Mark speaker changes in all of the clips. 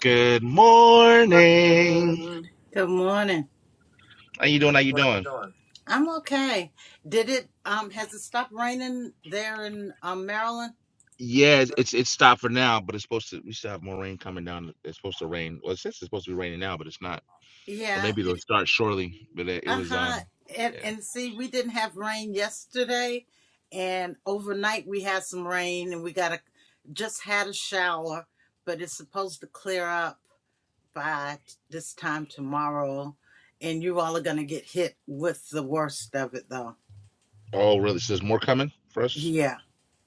Speaker 1: Good morning.
Speaker 2: Morning.
Speaker 1: How you doing? How you
Speaker 2: What are you
Speaker 1: doing?
Speaker 2: doing? I'm okay. Did it um has it stopped raining there in um Maryland?
Speaker 1: Yeah, it's
Speaker 2: Good.
Speaker 1: it's it's stopped for now, but it's supposed to. We still have more rain coming down. It's supposed to rain. Well, it says it's supposed to be raining now, but it's not. Or
Speaker 2: Yeah.
Speaker 1: maybe it'll start shortly. But it, it was
Speaker 2: Uh-huh.
Speaker 1: um,
Speaker 2: And
Speaker 1: yeah.
Speaker 2: and see, we didn't have rain yesterday and overnight we had some rain and we got a just had a shower, but it's supposed to clear up by t- this time tomorrow and you all are going to get hit with the worst of it though.
Speaker 1: Oh, really? So there's more coming for us.
Speaker 2: Yeah.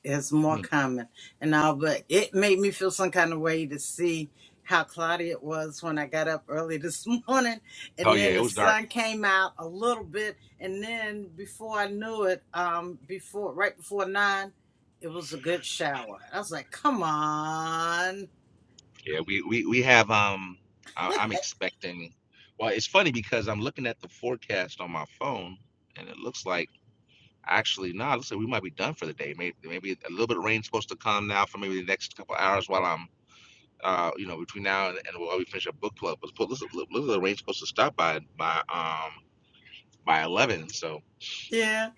Speaker 2: is more
Speaker 1: Hmm.
Speaker 2: common and all, but it made me feel some kind of way to see how cloudy it was when I got up early this morning.
Speaker 1: Oh
Speaker 2: And
Speaker 1: yeah,
Speaker 2: then
Speaker 1: it
Speaker 2: the
Speaker 1: was dark.
Speaker 2: sun came out a little bit. And then before I knew it, um, before right before nine, it was a good shower. I was like, come on.
Speaker 1: Yeah, we we we have um, I, I'm expecting. Well, it's funny because I'm looking at the forecast on my phone, and it looks like. Actually, no. Looks like we might be done for the day. Maybe maybe a little bit of rain's supposed to come now for maybe the next couple hours while I'm, uh, you know, between now and, and while we finish our book club. But look, look, look, the rain's supposed to stop by by um by eleven. So
Speaker 2: Yeah,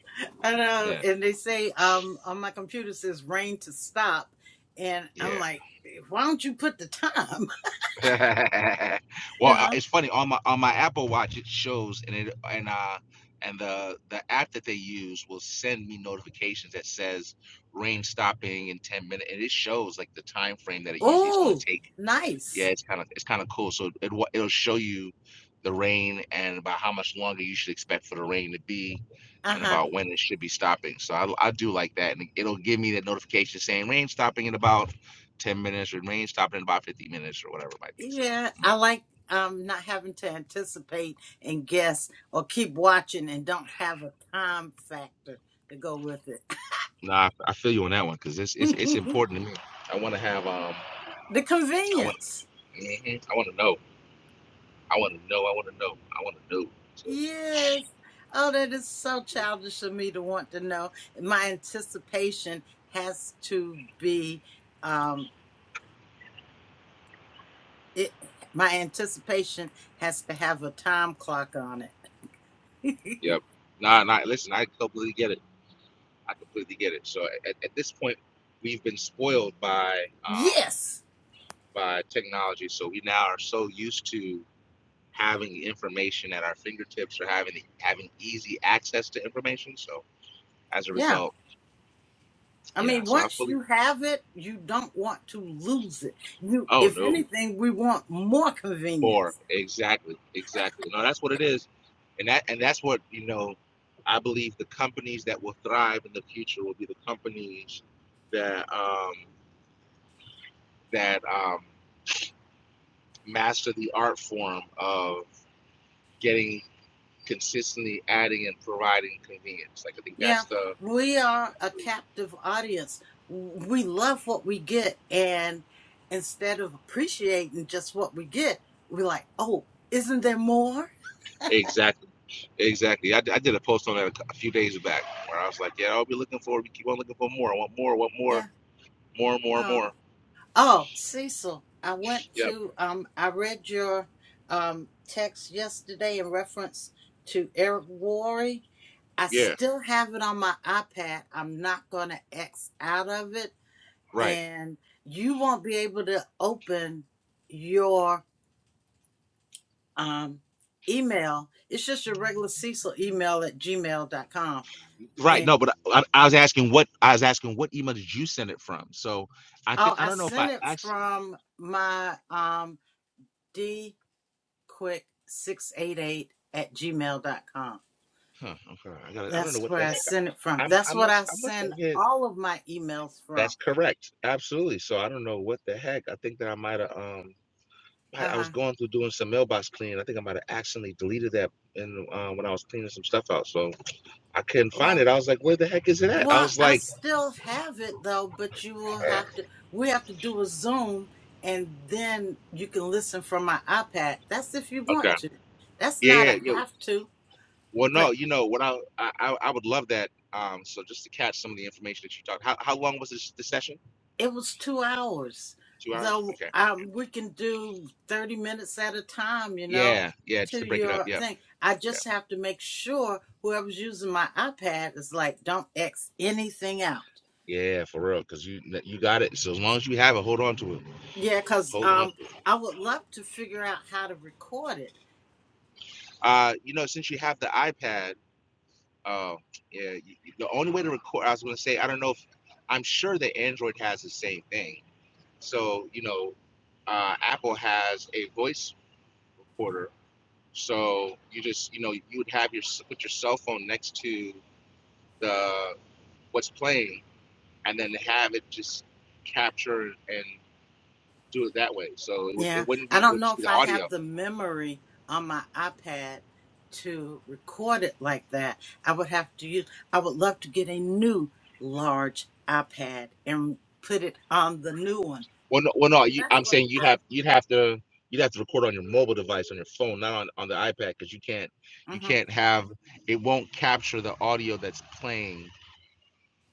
Speaker 2: I know.
Speaker 1: yeah,
Speaker 2: And they say um on my computer it says rain to stop. And
Speaker 1: yeah.
Speaker 2: I'm like, why don't you put the time? You
Speaker 1: well, uh,
Speaker 2: know?
Speaker 1: it's funny on my on my Apple Watch it shows and it and uh and the the app that they use will send me notifications that says rain stopping in ten minutes and it shows like the time frame that it usually is going
Speaker 2: Oh,
Speaker 1: to take Yeah,
Speaker 2: nice.
Speaker 1: it's kind of it's kind of cool. So it wa- it'll show you the rain and about how much longer you should expect for the rain to be, and
Speaker 2: Uh-huh.
Speaker 1: about when it should be stopping. So I I do like that, and it'll give me that notification saying rain stopping in about ten minutes or rain stopping in about fifty minutes or whatever it might be. So
Speaker 2: Yeah,
Speaker 1: mm,
Speaker 2: I like um not having to anticipate and guess or keep watching and don't have a time factor to go with it.
Speaker 1: nah, I I feel you on that one because it's it's it's important to me. I want to have um
Speaker 2: the
Speaker 1: I want
Speaker 2: convenience.
Speaker 1: mhm, I want to know I want to know I want to know I want to know. So
Speaker 2: Yes. Oh, that is so
Speaker 1: yeah.
Speaker 2: childish of me to want to know. My anticipation has to be um it my anticipation has to have a time clock on it.
Speaker 1: yep. Nah, nah. Listen, I completely get it. I completely get it. So at, at this point, we've been spoiled by um,
Speaker 2: yes.
Speaker 1: by technology. So we now are so used to having information at our fingertips or having having easy access to information. So as a
Speaker 2: Yeah.
Speaker 1: result,
Speaker 2: I
Speaker 1: yeah.
Speaker 2: mean,
Speaker 1: So I
Speaker 2: once
Speaker 1: fully.
Speaker 2: you have it, you don't want to lose it. You,
Speaker 1: Oh
Speaker 2: if
Speaker 1: no,
Speaker 2: anything, we want more
Speaker 1: more
Speaker 2: convenience.
Speaker 1: exactly, exactly. No, that's what it is, and that and that's what you know. I believe the companies that will thrive in the future will be the companies that um, that um, master the art form of getting consistently adding and providing convenience. Like I think
Speaker 2: Yeah,
Speaker 1: that's the
Speaker 2: we are a captive audience. We love what we get, and instead of appreciating just what we get, we're like, "Oh, isn't there more?"
Speaker 1: exactly exactly. I, I did a post on that a, few days back where I was like, yeah, I'll be looking for. We keep on looking for more. I want more. I want more.
Speaker 2: Yeah.
Speaker 1: More. More.
Speaker 2: Oh,
Speaker 1: More.
Speaker 2: oh, Cecil, I went
Speaker 1: Yep.
Speaker 2: to um, I read your um text yesterday in reference to Eric Worre I
Speaker 1: Yeah.
Speaker 2: still have it on my iPad. I'm not going to X out of it.
Speaker 1: Right.
Speaker 2: And you won't be able to open your um, email. It's just your regular Cecil email at gmail.com.
Speaker 1: Right.
Speaker 2: And
Speaker 1: No, but I, I was asking what I was asking what email did you send it from? So I think
Speaker 2: oh,
Speaker 1: I
Speaker 2: I
Speaker 1: don't know if I
Speaker 2: sent it
Speaker 1: asked.
Speaker 2: from my um, dquick688 at gmail.com.
Speaker 1: Huh, okay. I got. I don't know
Speaker 2: That's
Speaker 1: what
Speaker 2: where
Speaker 1: the
Speaker 2: I
Speaker 1: heck.
Speaker 2: sent it from.
Speaker 1: I'm.
Speaker 2: That's
Speaker 1: I
Speaker 2: what I
Speaker 1: must. I must have
Speaker 2: send
Speaker 1: hit.
Speaker 2: all of my emails from.
Speaker 1: That's correct. Absolutely. So I don't know what the heck. I think that I might have. Um. I
Speaker 2: Uh huh.
Speaker 1: was going through doing some mailbox cleaning. I think I might have accidentally deleted that in, uh, when I was cleaning some stuff out. So I couldn't find
Speaker 2: Well.
Speaker 1: it. I was like, where the heck is it at? I
Speaker 2: Well,
Speaker 1: was
Speaker 2: I
Speaker 1: like,
Speaker 2: still have it though, but you will
Speaker 1: uh,
Speaker 2: have to. We have to do a Zoom, and then you can listen from my iPad. That's if you want
Speaker 1: okay.
Speaker 2: to. That's
Speaker 1: Yeah,
Speaker 2: not
Speaker 1: yeah.
Speaker 2: a
Speaker 1: You know,
Speaker 2: have to,
Speaker 1: well,
Speaker 2: but
Speaker 1: no, you know, what I, I I would love that. Um, so just to catch some of the information that you talked, how, how long was this, this session?
Speaker 2: it was two hours.
Speaker 1: Two hours?
Speaker 2: Though
Speaker 1: Okay.
Speaker 2: um, we can do thirty minutes at a time, you know,
Speaker 1: Yeah, yeah,
Speaker 2: to
Speaker 1: just to break it up.
Speaker 2: your
Speaker 1: Yeah,
Speaker 2: thing. I
Speaker 1: Yeah.
Speaker 2: just have to make sure whoever's using my iPad is like, don't X anything out.
Speaker 1: Yeah, for real, because you you got it. So as long as you have it, hold on to it.
Speaker 2: Yeah, because
Speaker 1: Hold on. To
Speaker 2: um,
Speaker 1: it.
Speaker 2: I would love to figure out how to record it
Speaker 1: Uh, you know, since you have the iPad, Uh, yeah, the only way to record, I was going to say, I don't know if, I'm sure that Android has the same thing. So, you know, uh, Apple has a voice recorder. So you just, you know, you would have your, put your cell phone next to the, what's playing and then have it just capture and do it that way. So it, would,
Speaker 2: Yeah,
Speaker 1: it wouldn't be,
Speaker 2: I
Speaker 1: it
Speaker 2: don't
Speaker 1: would
Speaker 2: know
Speaker 1: just be
Speaker 2: if
Speaker 1: the
Speaker 2: I
Speaker 1: audio.
Speaker 2: have the memory on my iPad to record it like that. I would have to use, I would love to get a new large iPad and put it on the new one.
Speaker 1: Well, no, well, no. You,
Speaker 2: That's
Speaker 1: I'm
Speaker 2: what
Speaker 1: saying you'd have you'd have to you'd have to record on your mobile device on your phone, not on, on the iPad, because you can't
Speaker 2: I.
Speaker 1: you
Speaker 2: hmm
Speaker 1: can't have it won't capture the audio that's playing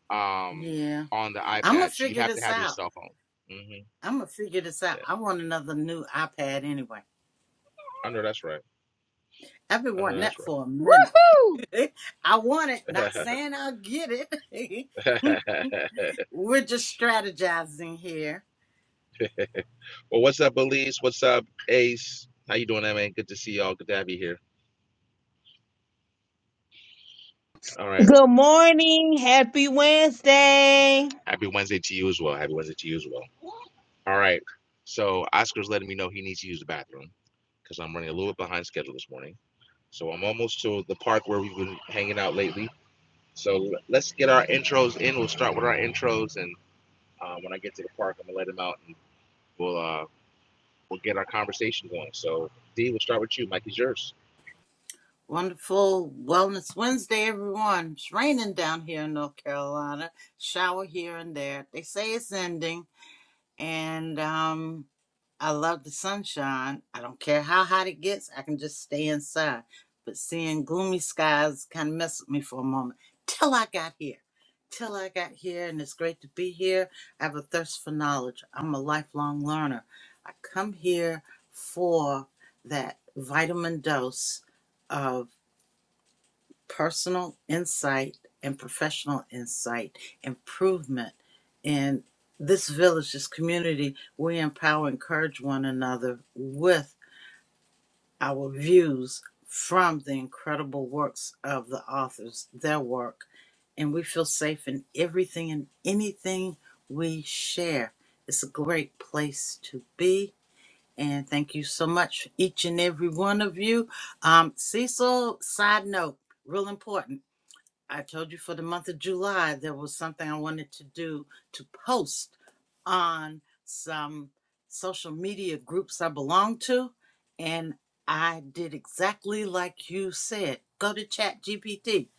Speaker 1: um
Speaker 2: Yeah,
Speaker 1: on the
Speaker 2: I'm gonna
Speaker 1: iPad. So you'd
Speaker 2: figure
Speaker 1: have to
Speaker 2: this
Speaker 1: have your
Speaker 2: out.
Speaker 1: cell phone. hmm
Speaker 2: I'm gonna figure this out.
Speaker 1: Yeah,
Speaker 2: I want another new iPad anyway.
Speaker 1: I know that's right.
Speaker 2: I've been
Speaker 1: I know
Speaker 2: wanting
Speaker 1: that's
Speaker 2: that for a minute.
Speaker 3: Woohoo!
Speaker 2: I want it, not
Speaker 1: right.
Speaker 2: saying I'll get it. We're just strategizing here.
Speaker 1: well, what's up, Belize? What's up, Ace? How you doing, man? Good to see y'all. Good to have you here. All right.
Speaker 4: Good morning. Happy Wednesday.
Speaker 1: Happy Wednesday to you as well. Happy Wednesday to you as well. All right. So Oscar's letting me know he needs to use the bathroom. because I'm running a little bit behind schedule this morning. So I'm almost to the park where we've been hanging out lately. So let's get our intros in. We'll start with our intros, and uh, when I get to the park, I'm gonna let them out, and we'll uh, we'll get our conversation going. So D, we'll start with you. Mike is yours.
Speaker 2: Wonderful Wellness Wednesday, everyone. It's raining down here in North Carolina. Shower here and there. They say it's ending, and um, I love the sunshine. I don't care how hot it gets. I can just stay inside. But seeing gloomy skies kind of messed with me for a moment. Till I got here. Till I got here, and it's great to be here. I have a thirst for knowledge. I'm a lifelong learner. I come here for that vitamin dose of personal insight and professional insight, improvement in this village, this community. We empower, encourage one another with our views from the incredible works of the authors, their work, and we feel safe in everything and anything we share. It's a great place to be. And thank you so much, each and every one of you. Um, Cecil, side note, real important I told you for the month of July, there was something I wanted to do to post on some social media groups I belong to. And I did exactly like you said go to Chat GPT,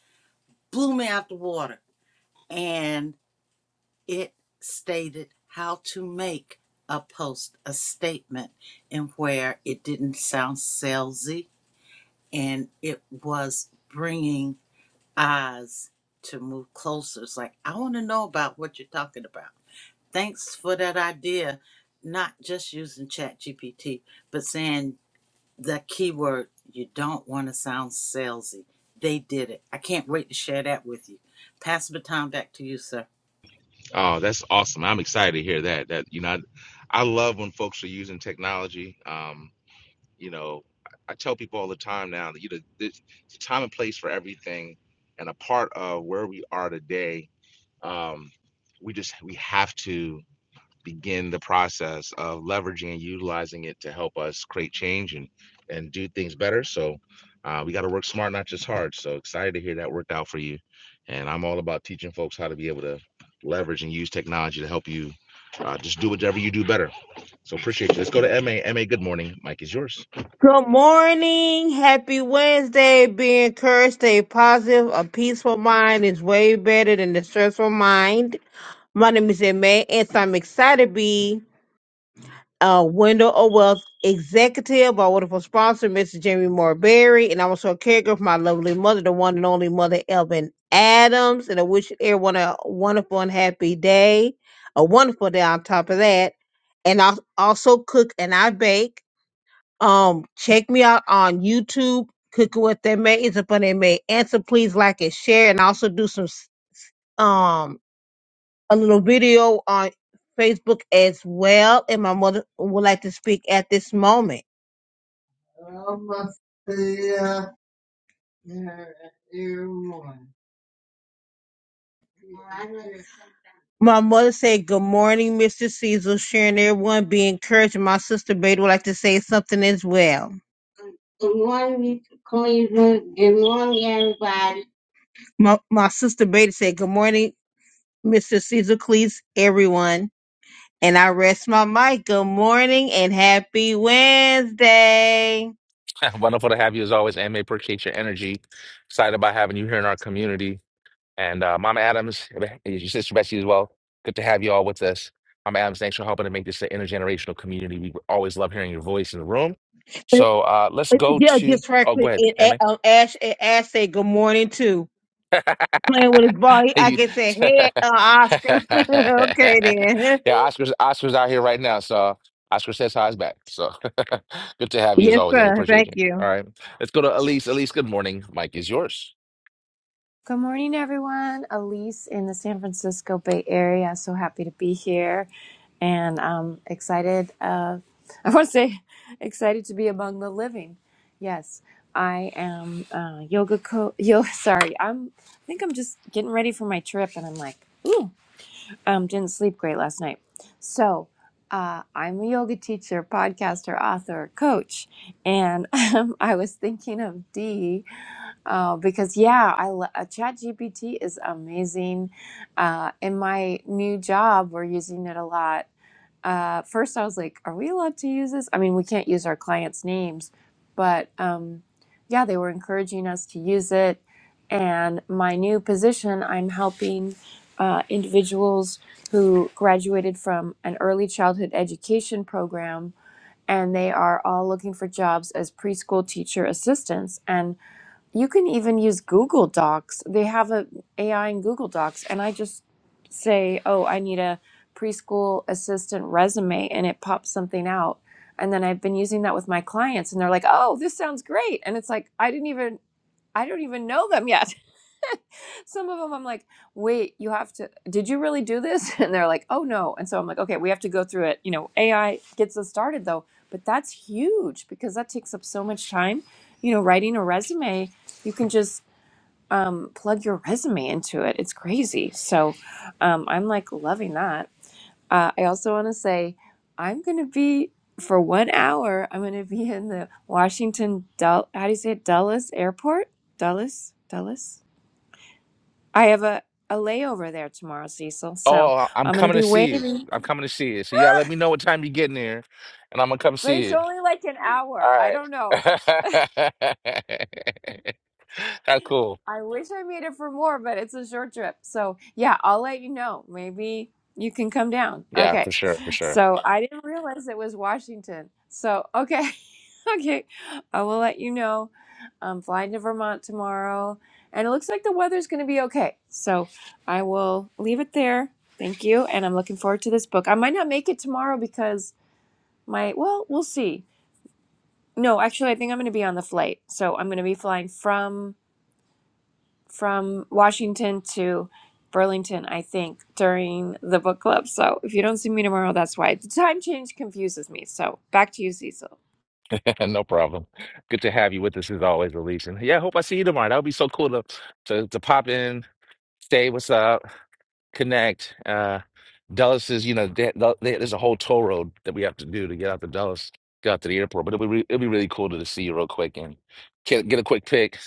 Speaker 2: blew me out the water. And it stated how to make a post, a statement, and where it didn't sound salesy and it was bringing eyes to move closer. It's like, I want to know about what you're talking about. Thanks for that idea, not just using Chat GPT, but saying the keyword, you don't want to sound salesy. They did it. I can't wait to share that with you. Pass the baton back to you, sir.
Speaker 1: Oh, that's awesome! I'm excited to hear that. That you know, I, I love when folks are using technology. Um, you know, I, I tell people all the time now that you know, there's a time and place for everything, and a part of where we are today um, we just we have to begin the process of leveraging and utilizing it to help us create change and and do things better so uh, we got to work smart not just hard so excited to hear that worked out for you and i'm all about teaching folks how to be able to leverage and use technology to help you uh, just do whatever you do better so appreciate you let's go to M A M A. good morning mike is yours
Speaker 4: Good morning. Happy Wednesday. Be encouraged. Stay positive. A peaceful mind is way better than a stressful mind. My name is Emma, and so I'm excited to be. uh, Wendell O. Wells, executive, our wonderful sponsor, Mr. Jamie Moore Berry, and I'm also a caregiver for my lovely mother, the one and only mother, Elvin Adams. And I wish everyone a wonderful and happy day, a wonderful day on top of that. And I also cook and I bake. Um, check me out on YouTube, Cooking with That May. It's up on That May Answer. Please like and share, and I also do some s- um a little video on Facebook as well, and my mother would like to speak at this moment. My mother said, Good morning, Mr. Caesar, sharing everyone, be encouraged. My sister Beta would like to say something as well. Good morning, Mr. Cleveland. Good morning, everybody. My, my sister Beta said, Good morning, Mr. Caesar, please, everyone. And I rest my mic. Good morning and happy Wednesday.
Speaker 1: Wonderful to have you as always, M A. Appreciate your energy. Excited about having you here in our community. And uh, Mama Adams, your sister Betsy as well. Good to have you all with us. Mama Adams, thanks for helping to make this an intergenerational community. We always love hearing your voice in the room.
Speaker 4: Uh,
Speaker 1: So uh, let's
Speaker 4: uh,
Speaker 1: go
Speaker 4: Yeah,
Speaker 1: to.
Speaker 4: just right
Speaker 1: Oh, go
Speaker 4: quick.
Speaker 1: ahead,
Speaker 4: And
Speaker 1: Emma.
Speaker 4: A- um, Ash, and Ash said good morning too. Playing with his ball. He- I
Speaker 1: You-
Speaker 4: can say, hey, uh, Oscar. okay then.
Speaker 1: yeah, Oscar's Oscar's out here right now. So Oscar says hi, is back. So good to have you as
Speaker 4: Yes,
Speaker 1: always, Emmy.
Speaker 4: sir.
Speaker 1: Appreciate
Speaker 4: Thank
Speaker 1: you.
Speaker 4: you.
Speaker 1: All right, let's go to Elise. Elise, good morning. Mike is yours.
Speaker 3: Good morning, everyone. Elise in the San Francisco Bay Area. So happy to be here and um, excited. Uh, I want to say excited to be among the living. Yes, I am uh, yoga co. Yo, sorry, I'm. I think I'm just getting ready for my trip, and I'm like, ooh, um, didn't sleep great last night. So. Uh, I'm a yoga teacher, podcaster, author, coach, and um, I was thinking of Dee Oh, because yeah, I lo- uh, ChatGPT is amazing. Uh, in my new job, we're using it a lot. Uh, first, I was like, "Are we allowed to use this?" I mean, we can't use our clients' names, but um, yeah, they were encouraging us to use it. And my new position, I'm helping uh, individuals who graduated from an early childhood education program, and they are all looking for jobs as preschool teacher assistants. And you can even use Google Docs. They have a AI in Google Docs, and I just say, "Oh, I need a preschool assistant resume," and it pops something out. And then I've been using that with my clients, and they're like, "Oh, this sounds great!" And it's like I didn't even I don't even know them yet. some of them I'm like, wait, you have to, did you really do this? And they're like, oh no. And so I'm like, okay, we have to go through it. You know, AI gets us started though, but that's huge because that takes up so much time. You know, writing a resume, you can just um, plug your resume into it. It's crazy. So um, I'm like loving that. Uh, I also want to say, I'm going to be, for one hour, I'm going to be in the Washington, Dul- how do you say it? Dulles Airport? Dulles? Dulles? I have a, a layover there tomorrow, Cecil. So
Speaker 1: Oh, I- I'm
Speaker 3: I'm going to
Speaker 1: coming to
Speaker 3: be
Speaker 1: see you.
Speaker 3: waiting.
Speaker 1: I'm coming to see you. So you gotta let me know what time you getting there, and I'm gonna come
Speaker 3: But
Speaker 1: see
Speaker 3: it's
Speaker 1: you.
Speaker 3: only like an
Speaker 1: All
Speaker 3: hour. I don't
Speaker 1: right.
Speaker 3: know.
Speaker 1: That's cool.
Speaker 3: I wish I made it for more, but it's a short trip. So yeah, I'll let you know. Maybe you can come down.
Speaker 1: Yeah, for
Speaker 3: Okay.
Speaker 1: sure, for sure.
Speaker 3: So I didn't realize it was Washington. So, okay. okay. I will let you know. I'm flying to Vermont tomorrow. And it looks like the weather's going to be okay. So I will leave it there. Thank you. And I'm looking forward to this book. I might not make it tomorrow because My well, we'll see. No, actually, I think I'm going to be on the flight. So I'm going to be flying from from Washington to Burlington, I think, during the book club. So if you don't see me tomorrow, that's why. The time change confuses me. So back to you, Cecil.
Speaker 1: No problem. Good to have you with us as always, Elise. And yeah, I hope I see you tomorrow. That would be so cool to to, to pop in, say what's up. connect. Uh, Dulles is, you know, they, they, there's a whole toll road that we have to do to get out to Dulles, get out to the airport. But it'll be re it'll be really cool to see you real quick and get get a quick pic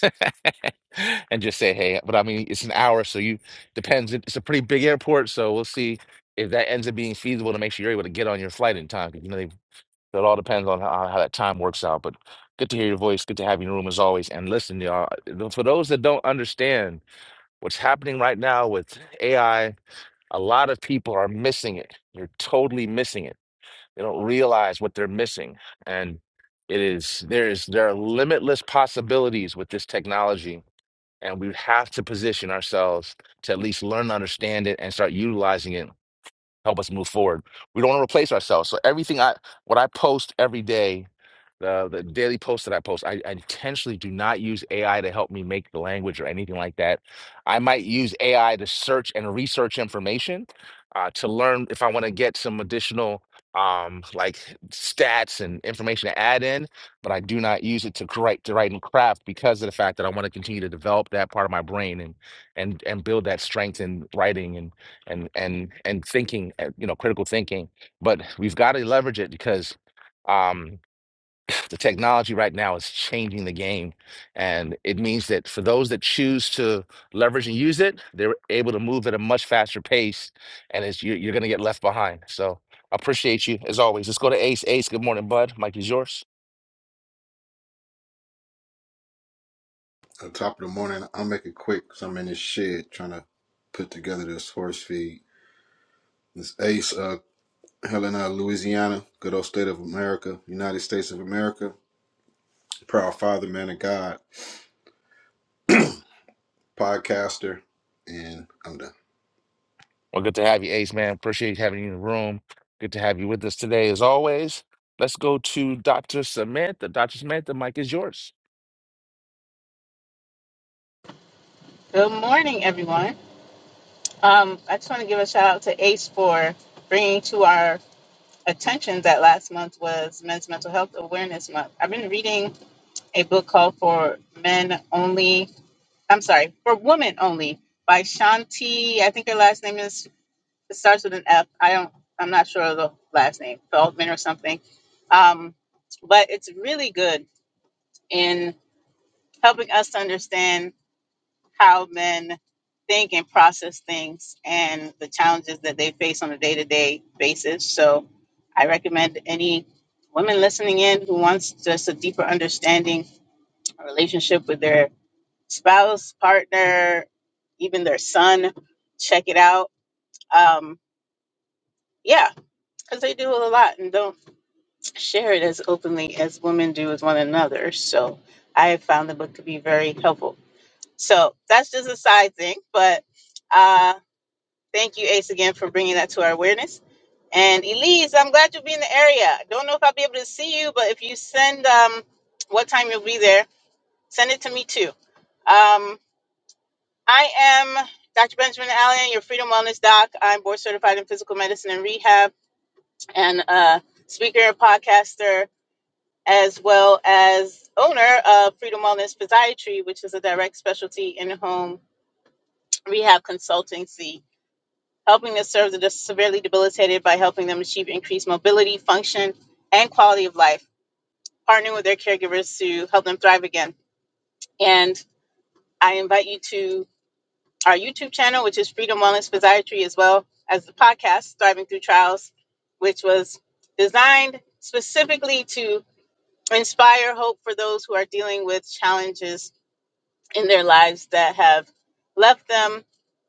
Speaker 1: and just say hey. But I mean, it's an hour, so you depends. It's a pretty big airport, so we'll see if that ends up being feasible to make sure you're able to get on your flight in time. 'Cause, You know, they, it all depends on how, how that time works out. But good to hear your voice. Good to have you in the room as always. And listen, y'all, for those that don't understand what's happening right now with AI. A lot of people are missing it. They're totally missing it. They don't realize what they're missing. And it is there is there are limitless possibilities with this technology. And we have to position ourselves to at least learn to understand it and start utilizing it. Help us move forward. We don't want to replace ourselves. So everything I what I post every day the the daily post that I post, I, I intentionally do not use AI to help me make the language or anything like that. I might use AI to search and research information uh, to learn if I want to get some additional um like stats and information to add in, but I do not use it to write to write and craft because of the fact that I want to continue to develop that part of my brain and and and build that strength in writing and and and and thinking, uh, you know, critical thinking. But we've got to leverage it because. um. the technology right now is changing the game. And it means that for those that choose to leverage and use it, they're able to move at a much faster pace. And it's, you're, you're going to get left behind. So I appreciate you as always. Let's go to Ace. Ace, good morning, bud. Mike is yours.
Speaker 5: on top of the morning. I'll make it quick. because 'cause I'm in this shed trying to put together this horse feed. This Ace, uh, Helena, Louisiana, good old state of America, United States of America, proud father, man of God, podcaster, and I'm done.
Speaker 1: Well, good to have you, Ace, man. Appreciate having you in the room. Good to have you with us today, as always. Let's go to Dr. Samantha. Dr. Samantha, Mike is yours.
Speaker 6: Good morning, everyone. Um, I just want to give a shout out to ACE for bringing to our attention that last month was Men's Mental Health Awareness Month. I've been reading a book called For Men Only, I'm sorry, For Women Only by Shanti. I think her last name is, it starts with an F. I don't, I'm not sure of the last name, Feldman or something. Um, but it's really good in helping us to understand how men think and process things and the challenges that they face on a day-to-day basis so i recommend any women listening in who wants just a deeper understanding a relationship with their spouse partner even their son check it out um, yeah because they do it a lot and don't share it as openly as women do with one another so i have found the book to be very helpful so that's just a side thing but uh, Thank you, Ace, again for bringing that to our awareness. And Elise, I'm glad you'll be in the area. Don't know if I'll be able to see you, but if you send um, what time you'll be there, send it to me too. Um, I am Dr. Benjamin Allen, your Freedom Wellness Doc. I'm board certified in physical medicine and rehab, and uh, speaker and podcaster, as well as owner of Freedom Wellness Physiatry, which is a direct specialty in home rehab consultancy helping to serve the dis- severely debilitated by helping them achieve increased mobility, function, and quality of life, partnering with their caregivers to help them thrive again. And I invite you to our YouTube channel, which is Freedom Wellness Physiatry, as well as the podcast, Thriving Through Trials, which was designed specifically to inspire hope for those who are dealing with challenges in their lives that have left them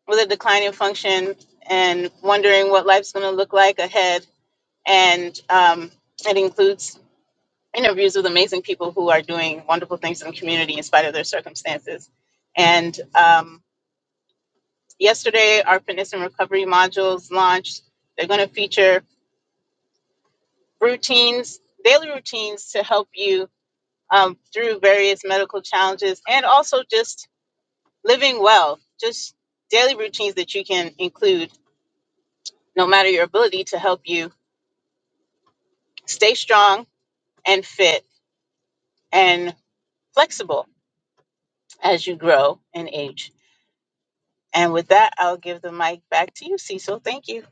Speaker 6: with a decline in function and wondering what life's going to look like ahead and um, it includes interviews with amazing people who are doing wonderful things in the community in spite of their circumstances. And um, yesterday, our fitness and recovery modules launched. They're going to feature routines, daily routines to help you um, through various medical challenges and also just living well, just daily routines that you can include no matter your ability to help you stay strong and fit and flexible as you grow and age. And with that, I'll give the mic back to you, Cecil. Thank you.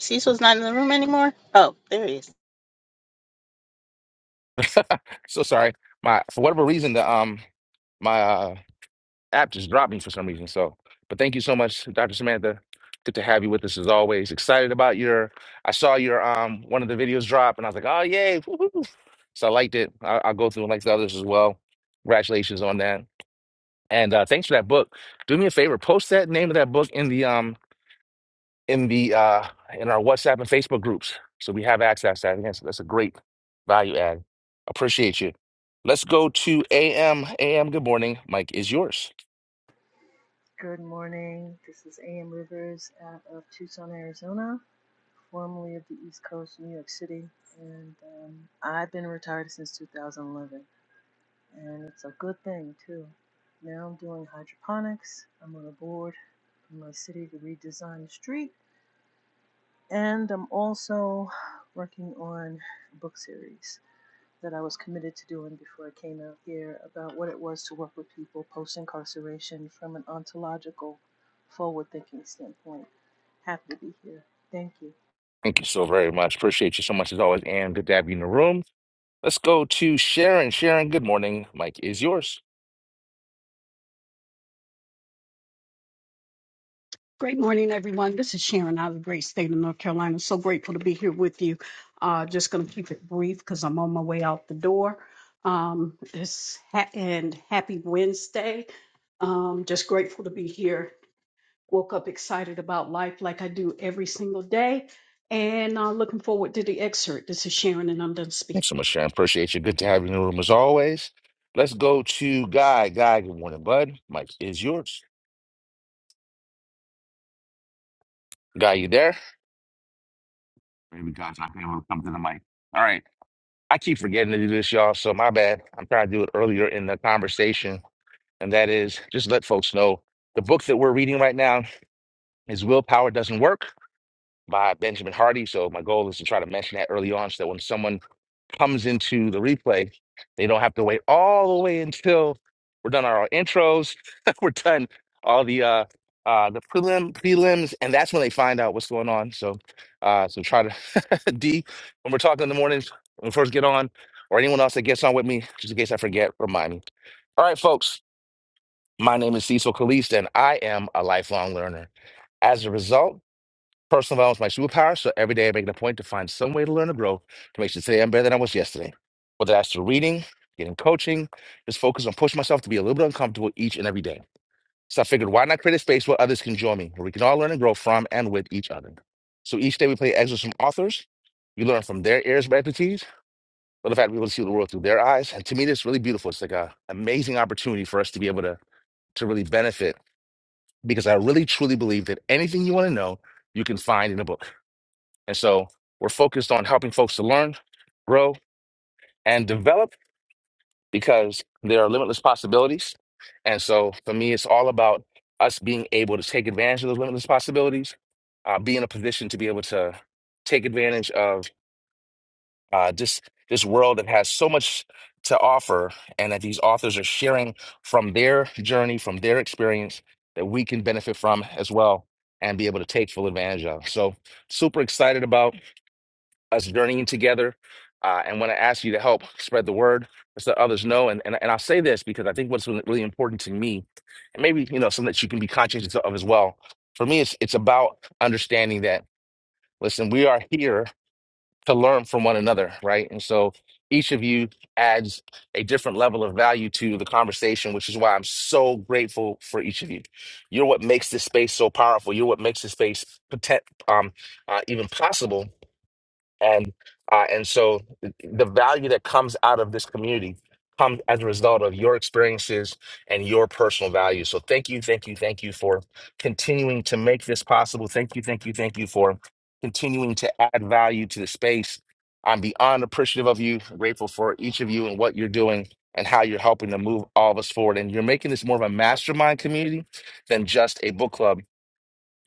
Speaker 6: Cecil's not in the room anymore. Oh, there he is.
Speaker 1: so sorry. My for whatever reason, the um my uh app just dropped me for some reason. So, but thank you so much, Dr. Samantha. Good to have you with us as always. Excited about your. I saw your um one of the videos drop, and I was like, oh yay! Woo-hoo. So I liked it. I, I'll go through and like the others as well. Congratulations on that, and uh, thanks for that book. Do me a favor, post that name of that book in the um in the uh in our WhatsApp and Facebook groups, so we have access to that. Again, that's that's a great value add. Appreciate you. Let's go to AM. AM. Good morning, Mike. Is yours.
Speaker 7: Good morning. This is AM Rivers out of Tucson, Arizona, formerly of the East Coast, New York City. And um, I've been retired since 2011, and it's a good thing too. Now I'm doing hydroponics. I'm on a board in my city to redesign the street, and I'm also working on a book series that I was committed to doing before I came out here about what it was to work with people post incarceration from an ontological, forward thinking standpoint. Happy to be here. Thank you.
Speaker 1: Thank you so very much. Appreciate you so much as always, and good to have you in the room. Let's go to Sharon. Sharon, good morning. Mike is yours.
Speaker 8: Great morning, everyone. This is Sharon out of the great state of North Carolina. So grateful to be here with you. Uh, just going to keep it brief because I'm on my way out the door. Um, it's ha- and happy Wednesday. Um, just grateful to be here. Woke up excited about life like I do every single day, and uh, looking forward to the excerpt. This is Sharon, and I'm done speaking.
Speaker 1: Thanks so much, Sharon. Appreciate you. Good to have you in the room as always. Let's go to Guy. Guy, good morning, bud. Mike is yours. Guy, you there? Maybe Guy's not being able to come to the mic. All right. I keep forgetting to do this, y'all, so my bad. I'm trying to do it earlier in the conversation, and that is just let folks know the book that we're reading right now is Willpower Doesn't Work by Benjamin Hardy. So my goal is to try to mention that early on so that when someone comes into the replay, they don't have to wait all the way until we're done our intros, we're done all the uh uh the prelim prelims, and that's when they find out what's going on. So uh so try to D when we're talking in the mornings when we first get on, or anyone else that gets on with me, just in case I forget, remind me. All right, folks. My name is Cecil Caliste, and I am a lifelong learner. As a result, Personal violence is my superpower, so every day I make it a point to find some way to learn and grow to make sure today I'm better than I was yesterday. Whether that's through reading, getting coaching, just focus on pushing myself to be a little bit uncomfortable each and every day. So I figured, why not create a space where others can join me, where we can all learn and grow from and with each other. So each day we play excerpts from authors. You learn from their areas of expertise, but the fact we're able to see the world through their eyes. And to me, that's really beautiful. It's like an amazing opportunity for us to be able to, to really benefit because I really truly believe that anything you want to know, you can find in a book. And so we're focused on helping folks to learn, grow, and develop because there are limitless possibilities. And so for me, it's all about us being able to take advantage of those limitless possibilities, uh, be in a position to be able to take advantage of uh, this this world that has so much to offer, and that these authors are sharing from their journey, from their experience that we can benefit from as well, and be able to take full advantage of. So super excited about. us journeying together. Uh, and want to ask you to help spread the word so that others know. And, and and I'll say this because I think what's really really important to me, and maybe you know, something that you can be conscious of as well. For me, it's it's about understanding that listen, we are here to learn from one another, right? And so each of you adds a different level of value to the conversation, which is why I'm so grateful for each of you. You're what makes this space so powerful. You're what makes this space potent, um, uh, even possible and uh, and so the value that comes out of this community comes as a result of your experiences and your personal value. So thank you, thank you, thank you for continuing to make this possible. Thank you, thank you, thank you for continuing to add value to the space. I'm beyond appreciative of you, grateful for each of you and what you're doing and how you're helping to move all of us forward. And you're making this more of a mastermind community than just a book club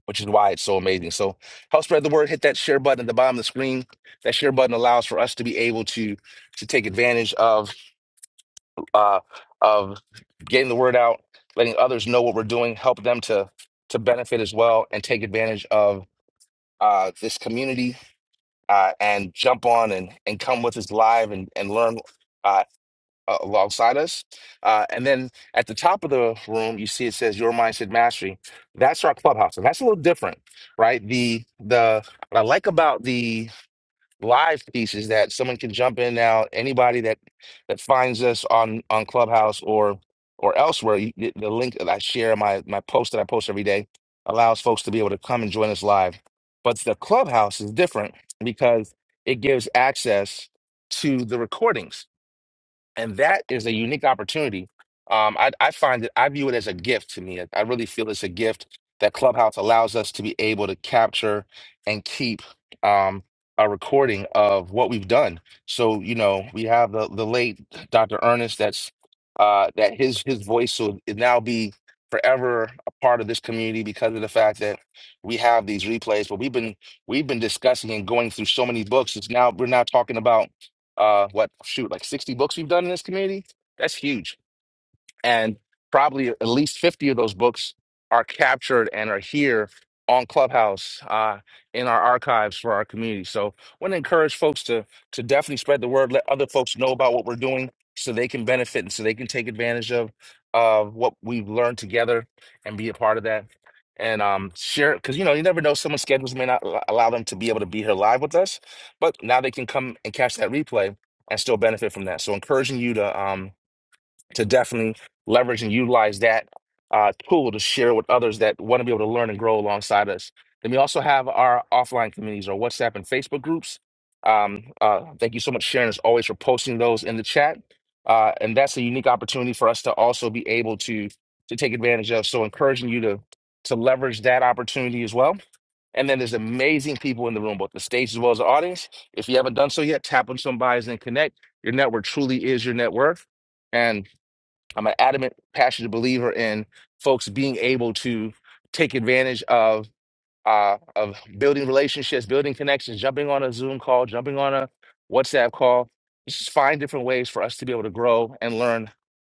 Speaker 1: which is why it's so amazing. So help spread the word. Hit that share button at the bottom of the screen. That share button allows for us to be able to to take advantage of uh, of getting the word out, letting others know what we're doing, help them to to benefit as well, and take advantage of uh, this community uh, and jump on and and come with us live and and learn. Uh, uh, alongside us. Uh, and then at the top of the room, you see it says "Your Mindset Mastery." That's our clubhouse, and that's a little different, right? The the what I like about the live piece is that someone can jump in now. Anybody that that finds us on on Clubhouse or or elsewhere, you, the the link that I share my my post that I post every day allows folks to be able to come and join us live. But the clubhouse is different because it gives access to the recordings. And that is a unique opportunity. Um, I, I find it, I view it as a gift to me. I, I really feel it's a gift that Clubhouse allows us to be able to capture and keep um, a recording of what we've done. So, you know, we have the, the late Dr. Ernest that's uh, that his his voice will now be forever a part of this community because of the fact that we have these replays. But we've been we've been discussing and going through so many books. It's now we're now talking about uh what shoot like 60 books we've done in this community that's huge and probably at least 50 of those books are captured and are here on clubhouse uh, in our archives for our community so want to encourage folks to to definitely spread the word let other folks know about what we're doing so they can benefit and so they can take advantage of of what we've learned together and be a part of that and um share it because you know you never know someone's schedules may not al- allow them to be able to be here live with us but now they can come and catch that replay and still benefit from that so encouraging you to um to definitely leverage and utilize that uh, tool to share with others that want to be able to learn and grow alongside us. Then we also have our offline communities, our WhatsApp and Facebook groups. Um, uh, thank you so much, Sharon, as always, for posting those in the chat. Uh, and that's a unique opportunity for us to also be able to to take advantage of. So, encouraging you to to leverage that opportunity as well. And then there's amazing people in the room, both the stage as well as the audience. If you haven't done so yet, tap on some bios and connect. Your network truly is your net worth. And I'm an adamant, passionate believer in folks being able to take advantage of uh, of building relationships, building connections, jumping on a Zoom call, jumping on a WhatsApp call. Let's Just find different ways for us to be able to grow and learn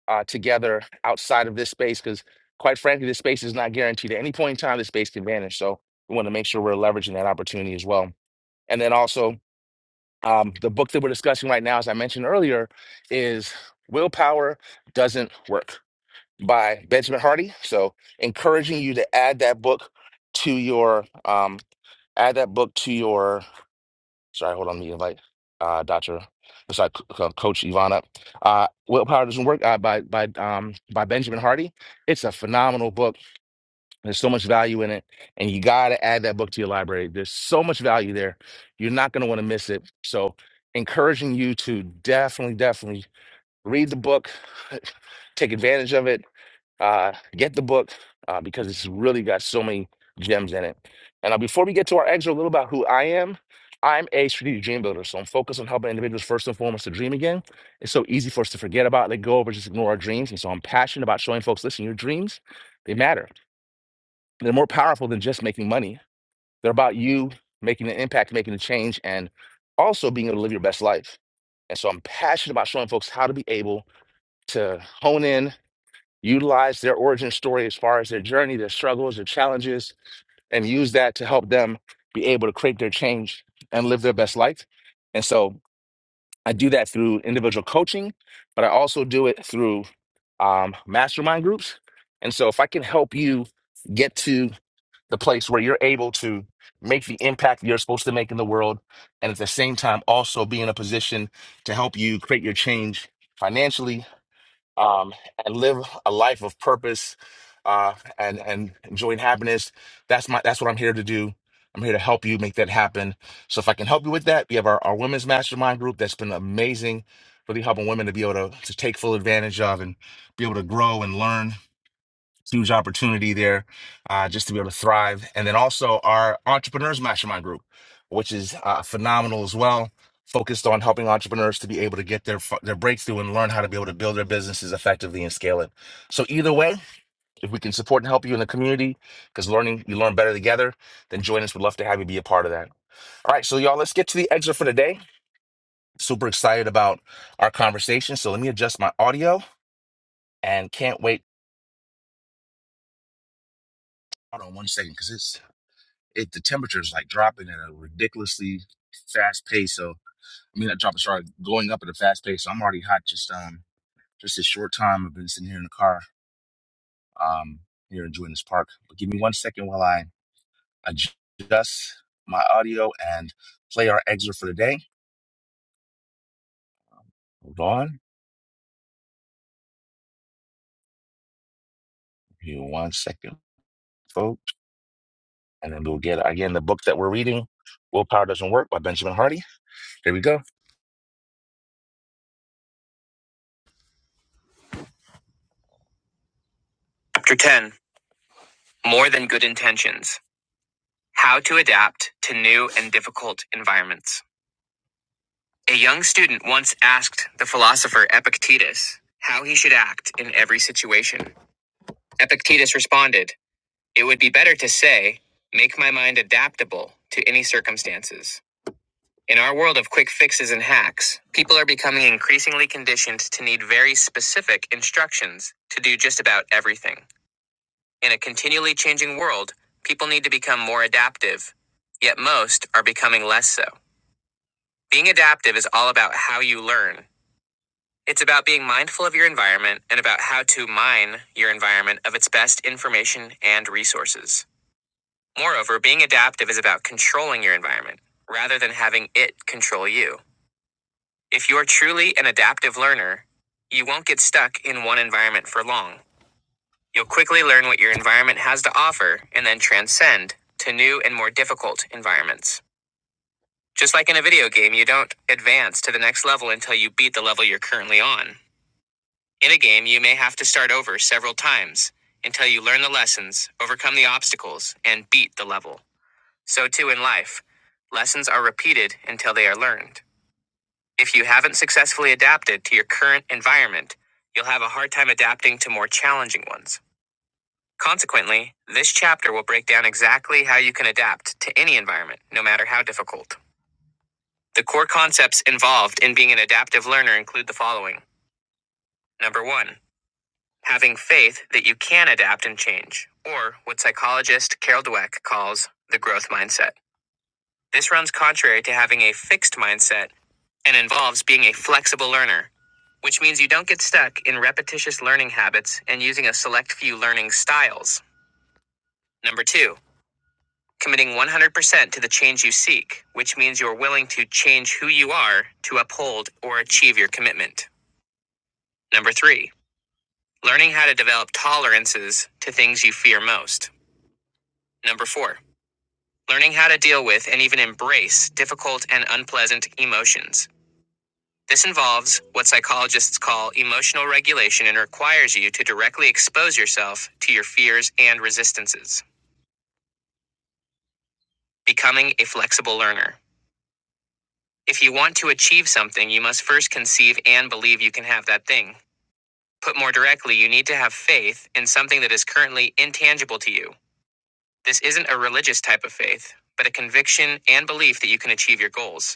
Speaker 1: uh, together outside of this space. Because quite frankly, this space is not guaranteed. At any point in time, this space can vanish. So we want to make sure we're leveraging that opportunity as well. And then also, um, the book that we're discussing right now, as I mentioned earlier, is Willpower Doesn't Work by Benjamin Hardy. So encouraging you to add that book to your um add that book to your sorry, hold on, let me invite uh Dr. Sorry, Co- Co- Coach Yvonne up. Uh Willpower Doesn't Work uh, by by um by Benjamin Hardy. It's a phenomenal book. There's so much value in it. And you gotta add that book to your library. There's so much value there. You're not gonna want to miss it. So encouraging you to definitely, definitely read the book, take advantage of it uh, get the book uh, because it's really got so many gems in it. And uh, before we get to our excerpt, a little about who I am. I'm a strategic dream builder, so I'm focused on helping individuals first and foremost to dream again. It's so easy for us to forget about, let go of, or just ignore our dreams. And so I'm passionate about showing folks, listen, your dreams, they matter. They're more powerful than just making money. They're about you making an impact, making a change, and also being able to live your best life. And so I'm passionate about showing folks how to be able to hone in utilize their origin story as far as their journey, their struggles, their challenges, and use that to help them be able to create their change and live their best life. And so I do that through individual coaching, but I also do it through um, mastermind groups. And so if I can help you get to the place where you're able to make the impact you're supposed to make in the world, and at the same time also be in a position to help you create your change financially um, and live a life of purpose uh, and and enjoying happiness. That's my that's what I'm here to do. I'm here to help you make that happen. So if I can help you with that, we have our, our women's mastermind group that's been amazing, really helping women to be able to, to take full advantage of and be able to grow and learn huge opportunity there uh, just to be able to thrive. And then also our Entrepreneurs Mastermind Group, which is uh, phenomenal as well, focused on helping entrepreneurs to be able to get their fu- their breakthrough and learn how to be able to build their businesses effectively and scale it. So either way, if we can support and help you in the community, because learning we learn better together, then join us. We'd love to have you be a part of that. All right, so y'all, let's get to the exit for today. Super excited about our conversation. So let me adjust my audio and can't wait. Hold on one second, because it's it the temperature is like dropping at a ridiculously fast pace. So I mean, that drop started going up at a fast pace. So I'm already hot. Just um, just this short time I've been sitting here in the car, um, here enjoying this park. But give me one second while I adjust my audio and play our excerpt for the day. Hold on, give me one second, folks, and then we'll get again the book that we're reading. Willpower doesn't work by Benjamin Hardy. There we go. Chapter ten: More than good intentions. How to adapt to new and difficult environments. A young student once asked the philosopher Epictetus how he should act in every situation. Epictetus responded, It would be better to say, make my mind adaptable to any circumstances. In our world of quick fixes and hacks, people are becoming increasingly conditioned to need very specific instructions to do just about everything. In a continually changing world, people need to become more adaptive, yet most are becoming less so. Being adaptive is all about how you learn. It's about being mindful of your environment and about how to mine your environment of its best information and resources. Moreover, being adaptive is about controlling your environment rather than having it control you. If you are truly an adaptive learner, you won't get stuck in one environment for long. You'll quickly learn what your environment has to offer and then transcend to new and more difficult environments. Just like in a video game, you don't advance to the next level until you beat the level you're currently on. In a game, you may have to start over several times until you learn the lessons, overcome the obstacles, and beat the level. So, too, in life, lessons are repeated until they are learned. If you haven't successfully adapted to your current environment, you'll have a hard time adapting to more challenging ones. Consequently, this chapter will break down exactly how you can adapt to any environment, no matter how difficult. The core concepts involved in being an adaptive learner include the following Number one. having faith that you can adapt and change, or what psychologist Carol Dweck calls the growth mindset. This runs contrary to having a fixed mindset and involves being a flexible learner, which means you don't get stuck in repetitious learning habits and using a select few learning styles. Number two, committing 100% to the change you seek, which means you're willing to change who you are to uphold or achieve your commitment. Number three, learning how to develop tolerances to things you fear most. Number four, learning how to deal with and even embrace difficult and unpleasant emotions. This involves what psychologists call emotional regulation and requires you to directly expose yourself to your fears and resistances, becoming a flexible learner. If you want to achieve something, you must first conceive and believe you can have that thing. Put more directly, you need to have faith in something that is currently intangible to you. This isn't a religious type of faith, but a conviction and belief that you can achieve your goals.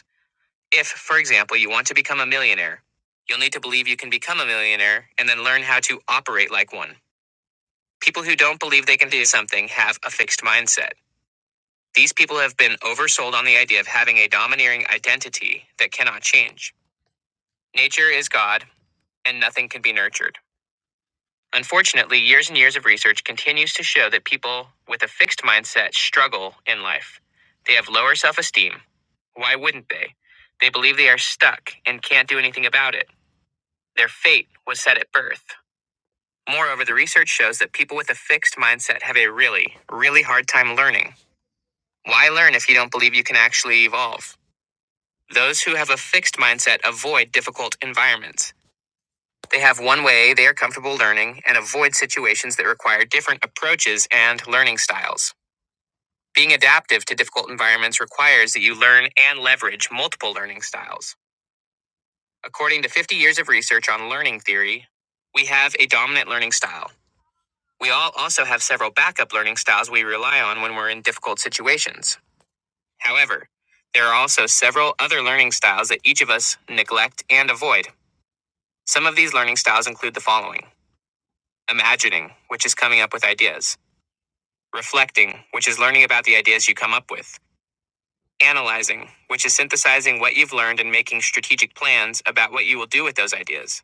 Speaker 1: If, for example, you want to become a millionaire, you'll need to believe you can become a millionaire and then learn how to operate like one. People who don't believe they can do something have a fixed mindset. These people have been oversold on the idea of having a domineering identity that cannot change. Nature is God, and nothing can be nurtured. Unfortunately, years and years of research continues to show that people with a fixed mindset struggle in life. They have lower self esteem. Why wouldn't they? They believe they are stuck and can't do anything about it. Their fate was set at birth. Moreover, the research shows that people with a fixed mindset have a really, really hard time learning. Why learn if you don't believe you can actually evolve? Those who have a fixed mindset avoid difficult environments. They have one way they are comfortable learning and avoid situations that require different approaches and learning styles. Being adaptive to difficult environments requires that you learn and leverage multiple learning styles. According to 50 years of research on learning theory, we have a dominant learning style. We all also have several backup learning styles we rely on when we're in difficult situations. However, there are also several other learning styles that each of us neglect and avoid. Some of these learning styles include the following imagining, which is coming up with ideas, reflecting, which is learning about the ideas you come up with, analyzing, which is synthesizing what you've learned and making strategic plans about what you will do with those ideas,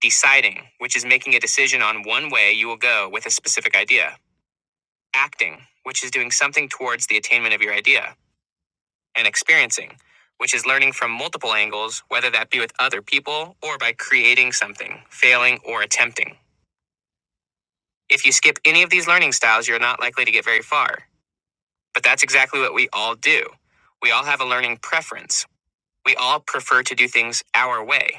Speaker 1: deciding, which is making a decision on one way you will go with a specific idea acting, which is doing something towards the attainment of your idea, and experiencing, which is learning from multiple angles, whether that be with other people or by creating something, failing, or attempting. If you skip any of these learning styles, you're not likely to get very far. But that's exactly what we all do. We all have a learning preference. We all prefer to do things our way.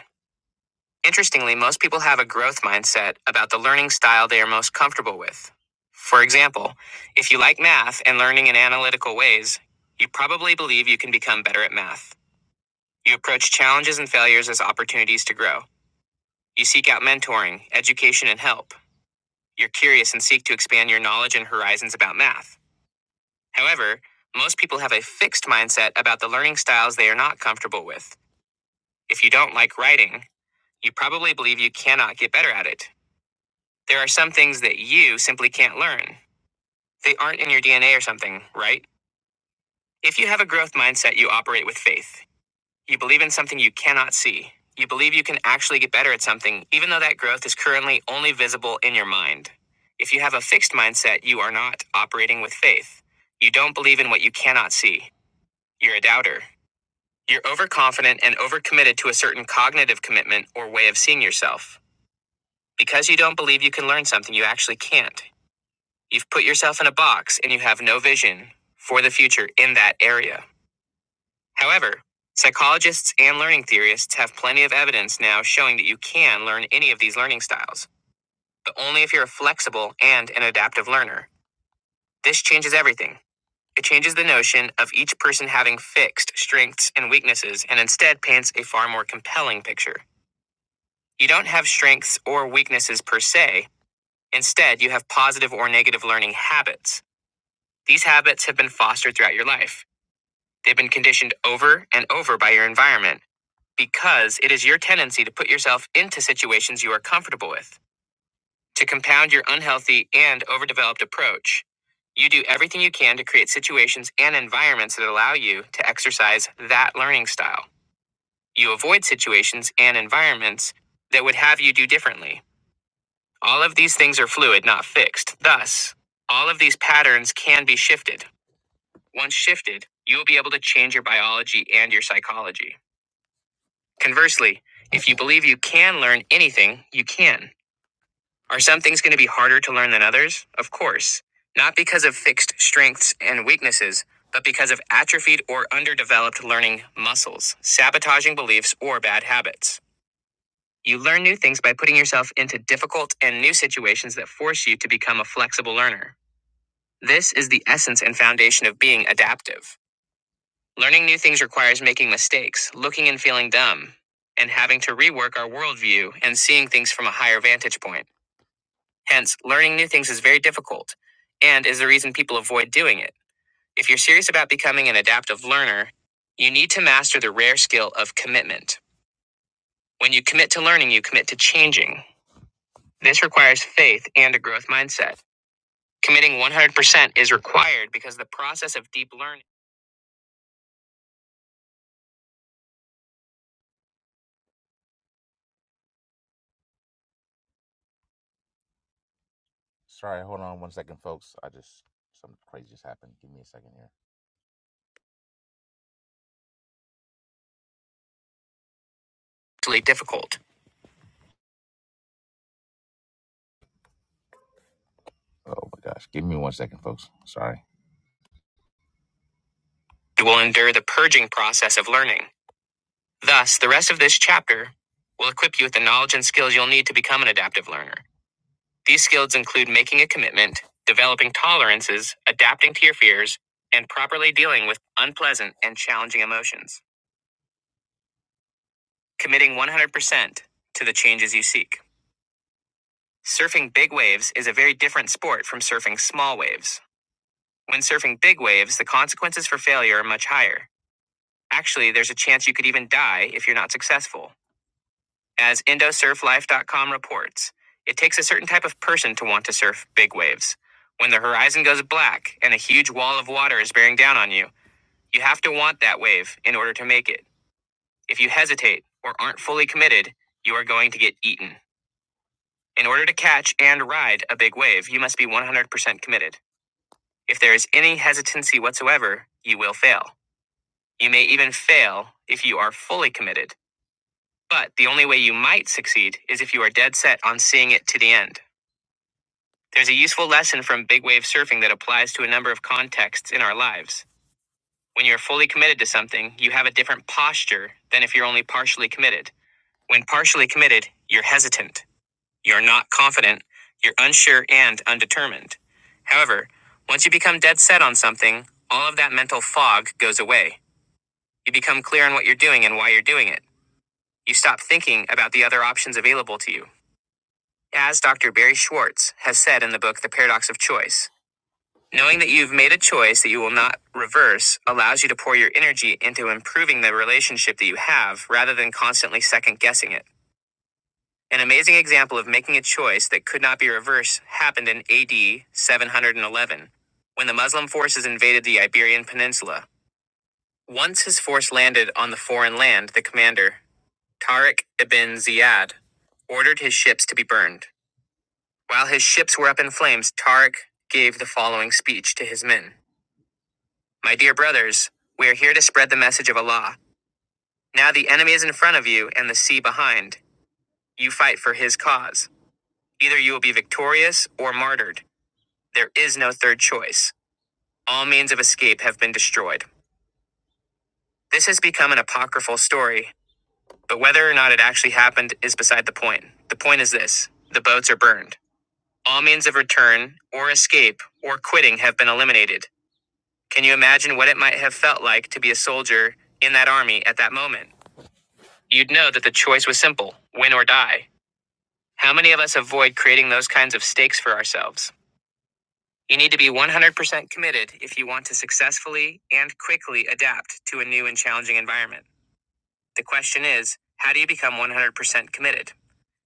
Speaker 1: Interestingly, most people have a growth mindset about the learning style they are most comfortable with. For example, if you like math and learning in analytical ways, you probably believe you can become better at math. You approach challenges and failures as opportunities to grow. You seek out mentoring, education, and help. You're curious and seek to expand your knowledge and horizons about math. However, most people have a fixed mindset about the learning styles they are not comfortable with. If you don't like writing, you probably believe you cannot get better at it. There are some things that you simply can't learn. They aren't in your DNA or something, right? If you have a growth mindset, you operate with faith. You believe in something you cannot see. You believe you can actually get better at something, even though that growth is currently only visible in your mind. If you have a fixed mindset, you are not operating with faith. You don't believe in what you cannot see. You're a doubter. You're overconfident and overcommitted to a certain cognitive commitment or way of seeing yourself. Because you don't believe you can learn something you actually can't. You've put yourself in a box and you have no vision for the future in that area. However, psychologists and learning theorists have plenty of evidence now showing that you can learn any of these learning styles, but only if you're a flexible and an adaptive learner. This changes everything. It changes the notion of each person having fixed strengths and weaknesses and instead paints a far more compelling picture. You don't have strengths or weaknesses per se. Instead, you have positive or negative learning habits. These habits have been fostered throughout your life. They've been conditioned over and over by your environment because it is your tendency to put yourself into situations you are comfortable with. To compound your unhealthy and overdeveloped approach, you do everything you can to create situations and environments that allow you to exercise that learning style. You avoid situations and environments that would have you do differently. All of these things are fluid, not fixed. Thus, all of these patterns can be shifted. Once shifted, you will be able to change your biology and your psychology. Conversely, if you believe you can learn anything, you can. Are some things going to be harder to learn than others? Of course. Not because of fixed strengths and weaknesses, but because of atrophied or underdeveloped learning muscles, sabotaging beliefs, or bad habits. You learn new things by putting yourself into difficult and new situations that force you to become a flexible learner. This is the essence and foundation of being adaptive. Learning new things requires making mistakes, looking and feeling dumb, and having to rework our worldview and seeing things from a higher vantage point. Hence, learning new things is very difficult and is the reason people avoid doing it. If you're serious about becoming an adaptive learner, you need to master the rare skill of commitment. When you commit to learning, you commit to changing. This requires faith and a growth mindset. Committing 100% is required because the process of deep learning. Sorry, hold on one second, folks. I just, something crazy just happened. Give me a second here. difficult. Oh my gosh. Give me one second, folks. Sorry. You will endure the purging process of learning. Thus, the rest of this chapter will equip you with the knowledge and skills you'll need to become an adaptive learner. These skills include making a commitment, developing tolerances, adapting to your fears, and properly dealing with unpleasant and challenging emotions. Committing 100% to the changes you seek. Surfing big waves is a very different sport from surfing small waves. When surfing big waves, the consequences for failure are much higher. Actually, there's a chance you could even die if you're not successful. As Indosurflife.com reports, it takes a certain type of person to want to surf big waves. When the horizon goes black and a huge wall of water is bearing down on you, you have to want that wave in order to make it. If you hesitate or aren't fully committed, you are going to get eaten. In order to catch and ride a big wave, you must be 100% committed. If there is any hesitancy whatsoever, you will fail. You may even fail if you are fully committed. But the only way you might succeed is if you are dead set on seeing it to the end. There's a useful lesson from big wave surfing that applies to a number of contexts in our lives. When you're fully committed to something, you have a different posture than if you're only partially committed. When partially committed, you're hesitant, you're not confident, you're unsure and undetermined. However, once you become dead set on something, all of that mental fog goes away. You become clear on what you're doing and why you're doing it. You stop thinking about the other options available to you. As Dr. Barry Schwartz has said in the book The Paradox of Choice, knowing that you've made a choice that you will not reverse allows you to pour your energy into improving the relationship that you have rather than constantly second guessing it. An amazing example of making a choice that could not be reversed happened in AD 711 when the Muslim forces invaded the Iberian Peninsula. Once his force landed on the foreign land, the commander, Tariq ibn Ziyad, ordered his ships to be burned. While his ships were up in flames, Targ gave the following speech to his men My dear brothers, we are here to spread the message of Allah. Now the enemy is in front of you and the sea behind. You fight for his cause. Either you will be victorious or martyred. There is no third choice. All means of escape have been destroyed. This has become an apocryphal story, but whether or not it actually happened is beside the point. The point is this the boats are burned. All means of return or escape or quitting have been eliminated. Can you imagine what it might have felt like to be a soldier in that army at that moment? You'd know that the choice was simple win or die. How many of us avoid creating those kinds of stakes for ourselves? You need to be 100% committed if you want to successfully and quickly adapt to a new and challenging environment. The question is how do you become 100% committed?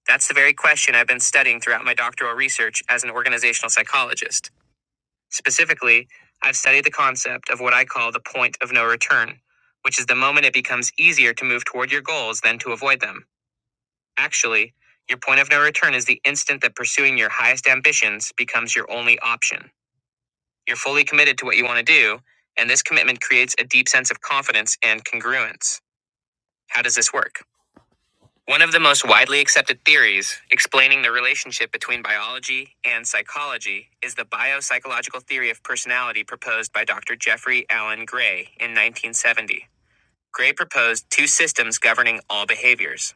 Speaker 1: That's the very question I've been studying throughout my doctoral research as an organizational psychologist. Specifically, I've studied the concept of what I call the point of no return, which is the moment it becomes easier to move toward your goals than to avoid them. Actually, your point of no return is the instant that pursuing your highest ambitions becomes your only option. You're fully committed to what you want to do, and this commitment creates a deep sense of confidence and congruence. How does this work? One of the most widely accepted theories explaining the relationship between biology and psychology is the biopsychological theory of personality proposed by Dr. Jeffrey Alan Gray in 1970. Gray proposed two systems governing all behaviors.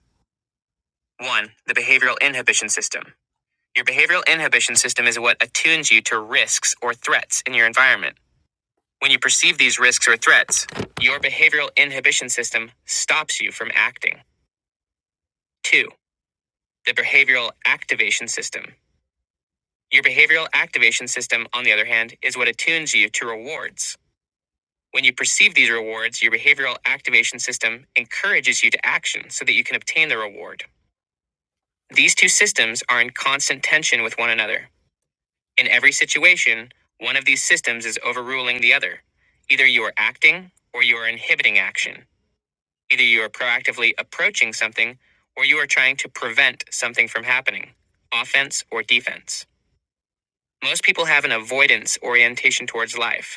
Speaker 1: One, the behavioral inhibition system. Your behavioral inhibition system is what attunes you to risks or threats in your environment. When you perceive these risks or threats, your behavioral inhibition system stops you from acting. Two, the behavioral activation system. Your behavioral activation system, on the other hand, is what attunes you to rewards. When you perceive these rewards, your behavioral activation system encourages you to action so that you can obtain the reward. These two systems are in constant tension with one another. In every situation, one of these systems is overruling the other. Either you are acting or you are inhibiting action. Either you are proactively approaching something or you are trying to prevent something from happening. Offense or defense. Most people have an avoidance orientation towards life.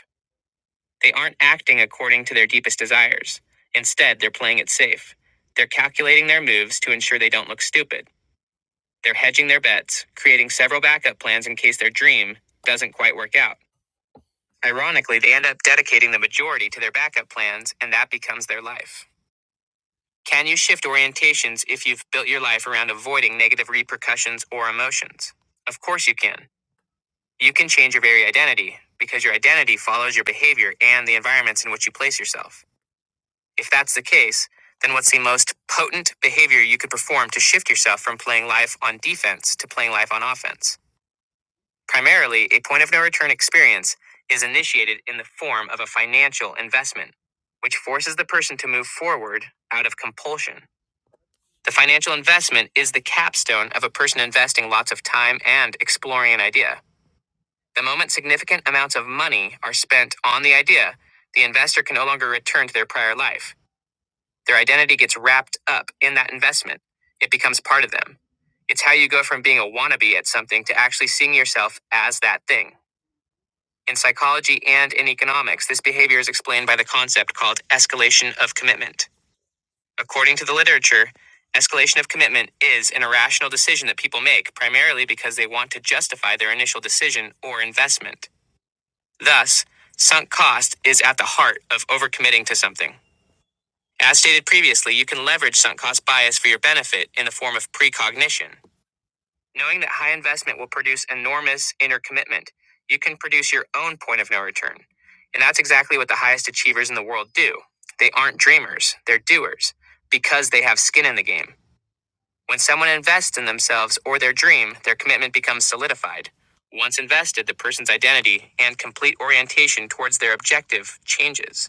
Speaker 1: They aren't acting according to their deepest desires. Instead, they're playing it safe. They're calculating their moves to ensure they don't look stupid. They're hedging their bets, creating several backup plans in case their dream doesn't quite work out. Ironically, they end up dedicating the majority to their backup plans, and that becomes their life. Can you shift orientations if you've built your life around avoiding negative repercussions or emotions? Of course you can. You can change your very identity, because your identity follows your behavior and the environments in which you place yourself. If that's the case, then what's the most potent behavior you could perform to shift yourself from playing life on defense to playing life on offense? Primarily, a point of no return experience is initiated in the form of a financial investment, which forces the person to move forward out of compulsion. The financial investment is the capstone of a person investing lots of time and exploring an idea. The moment significant amounts of money are spent on the idea, the investor can no longer return to their prior life. Their identity gets wrapped up in that investment, it becomes part of them. It's how you go from being a wannabe at something to actually seeing yourself as that thing. In psychology and in economics, this behavior is explained by the concept called escalation of commitment. According to the literature, escalation of commitment is an irrational decision that people make primarily because they want to justify their initial decision or investment. Thus, sunk cost is at the heart of overcommitting to something. As stated previously, you can leverage sunk cost bias for your benefit in the form of precognition. Knowing that high investment will produce enormous inner commitment, you can produce your own point of no return. And that's exactly what the highest achievers in the world do. They aren't dreamers, they're doers, because they have skin in the game. When someone invests in themselves or their dream, their commitment becomes solidified. Once invested, the person's identity and complete orientation towards their objective changes.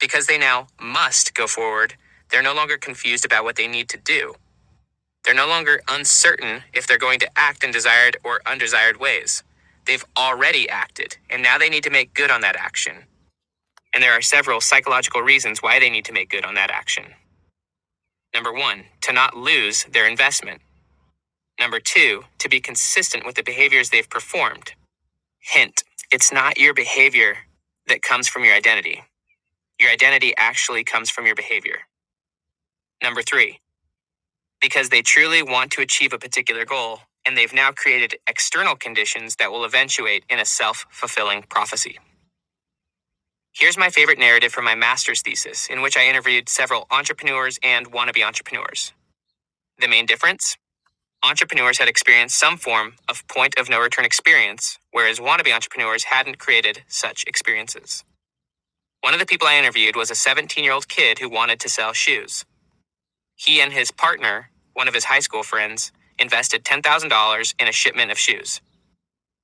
Speaker 1: Because they now must go forward, they're no longer confused about what they need to do. They're no longer uncertain if they're going to act in desired or undesired ways. They've already acted, and now they need to make good on that action. And there are several psychological reasons why they need to make good on that action. Number one, to not lose their investment. Number two, to be consistent with the behaviors they've performed. Hint, it's not your behavior that comes from your identity. Your identity actually comes from your behavior. Number three, because they truly want to achieve a particular goal, and they've now created external conditions that will eventuate in a self fulfilling prophecy. Here's my favorite narrative from my master's thesis, in which I interviewed several entrepreneurs and wannabe entrepreneurs. The main difference? Entrepreneurs had experienced some form of point of no return experience, whereas wannabe entrepreneurs hadn't created such experiences. One of the people I interviewed was a 17 year old kid who wanted to sell shoes. He and his partner, one of his high school friends, invested $10,000 in a shipment of shoes.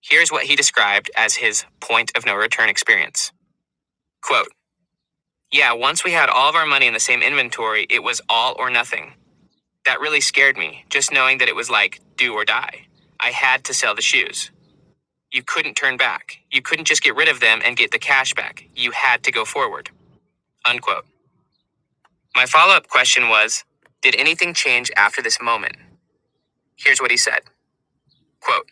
Speaker 1: Here's what he described as his point of no return experience. Quote, Yeah, once we had all of our money in the same inventory, it was all or nothing. That really scared me, just knowing that it was like do or die. I had to sell the shoes. You couldn't turn back. You couldn't just get rid of them and get the cash back. You had to go forward. Unquote. My follow up question was Did anything change after this moment? Here's what he said. Quote,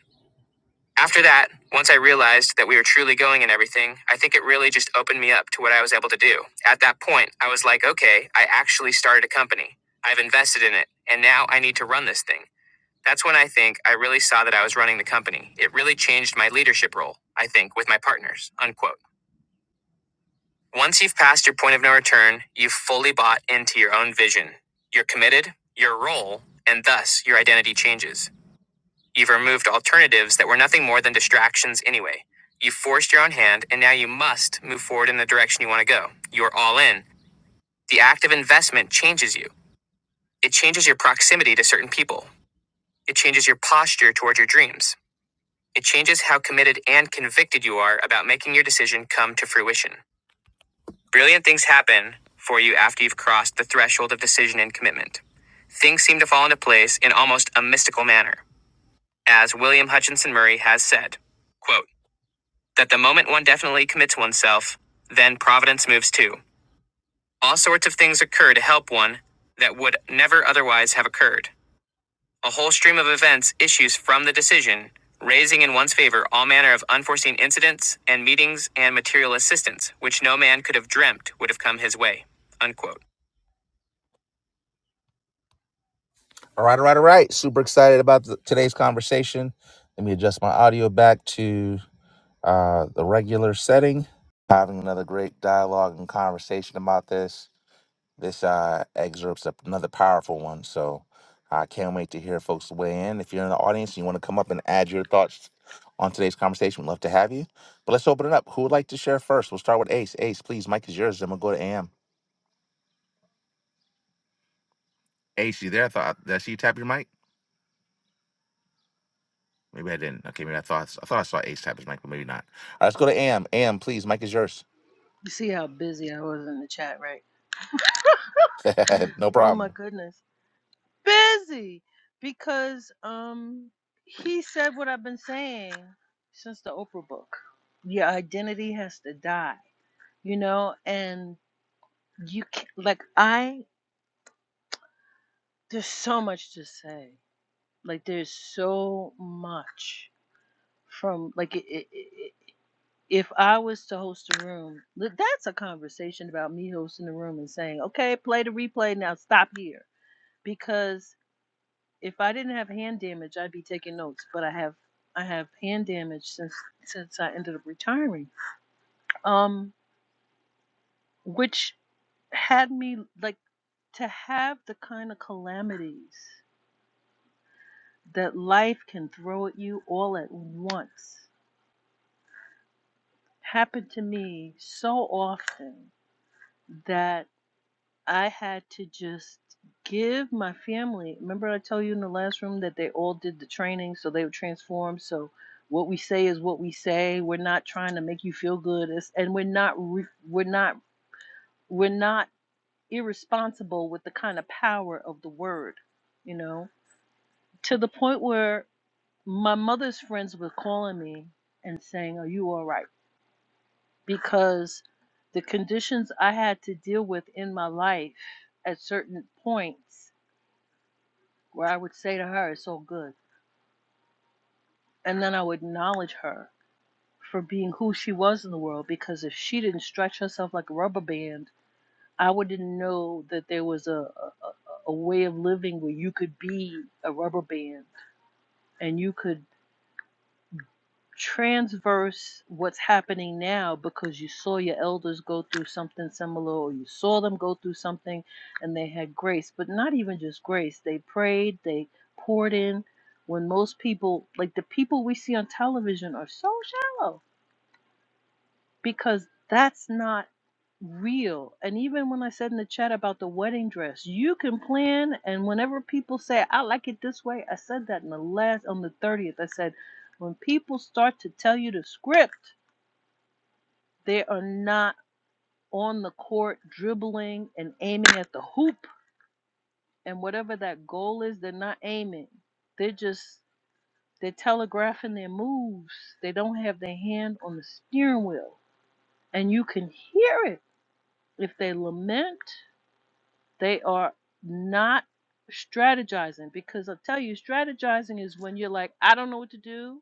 Speaker 1: After that, once I realized that we were truly going and everything, I think it really just opened me up to what I was able to do. At that point, I was like, okay, I actually started a company. I've invested in it, and now I need to run this thing. That's when I think I really saw that I was running the company. It really changed my leadership role, I think, with my partners. Unquote. Once you've passed your point of no return, you've fully bought into your own vision. You're committed, your role, and thus your identity changes. You've removed alternatives that were nothing more than distractions anyway. You've forced your own hand, and now you must move forward in the direction you want to go. You're all in. The act of investment changes you. It changes your proximity to certain people. It changes your posture toward your dreams. It changes how committed and convicted you are about making your decision come to fruition. Brilliant things happen for you after you've crossed the threshold of decision and commitment. Things seem to fall into place in almost a mystical manner. As William Hutchinson Murray has said, quote, that the moment one definitely commits oneself, then providence moves too. All sorts of things occur to help one that would never otherwise have occurred. A whole stream of events issues from the decision, raising in one's favor all manner of unforeseen incidents and meetings and material assistance, which no man could have dreamt would have come his way. Unquote. All right, all right, all right. Super excited about the, today's conversation. Let me adjust my audio back to uh, the regular setting. Having another great dialogue and conversation about this This uh, excerpt's another powerful one. So I can't wait to hear folks weigh in. If you're in the audience and you want to come up and add your thoughts on today's conversation, we'd love to have you. But let's open it up. Who would like to share first? We'll start with Ace. Ace, please, Mike is yours. Then we'll go to AM. Ace, you there? I thought did I see you tap your mic. Maybe I didn't. Okay, maybe I thought I thought I saw Ace tap his mic, but maybe not. All right, let's go to AM. AM, please, Mike is yours.
Speaker 7: You see how busy I was in the chat, right?
Speaker 1: no
Speaker 7: Oh my
Speaker 1: problem.
Speaker 7: goodness. Busy! Because um he said what I've been saying since the Oprah book. Your identity has to die, you know, and you can not like I there's so much to say Like there's so much from like i i i if I was to host a room, th- that's a conversation about me hosting the room and saying, "Okay, play the replay now. Stop here." Because if I didn't have hand damage, I'd be taking notes. But I have I have hand damage since since I ended up retiring, um, which had me like to have the kind of calamities that life can throw at you all at once happened to me so often that I had to just give my family. Remember, I told you in the last room that they all did the training, so they were transformed. So what we say is what we say. We're not trying to make you feel good, it's, and we're not re- we're not we're not irresponsible with the kind of power of the word, you know, to the point where my mother's friends were calling me and saying, "Are you all right?" because the conditions I had to deal with in my life at certain points where I would say to her, It's all good. And then I would acknowledge her for being who she was in the world because if she didn't stretch herself like a rubber band, I wouldn't know that there was a, a, a way of living where you could be a rubber band and you could transverse what's happening now because you saw your elders go through something similar or you saw them go through something and they had grace but not even just grace they prayed they poured in when most people like the people we see on television are so shallow because that's not real. And even when I said in the chat about the wedding dress, you can plan and whenever people say I like it this way, I said that in the last on the 30th. I said when people start to tell you the script, they are not on the court dribbling and aiming at the hoop and whatever that goal is, they're not aiming. They're just they're telegraphing their moves. They don't have their hand on the steering wheel. And you can hear it if they lament They are not strategizing because I'll tell you, strategizing is when you're like, I don't know what to do.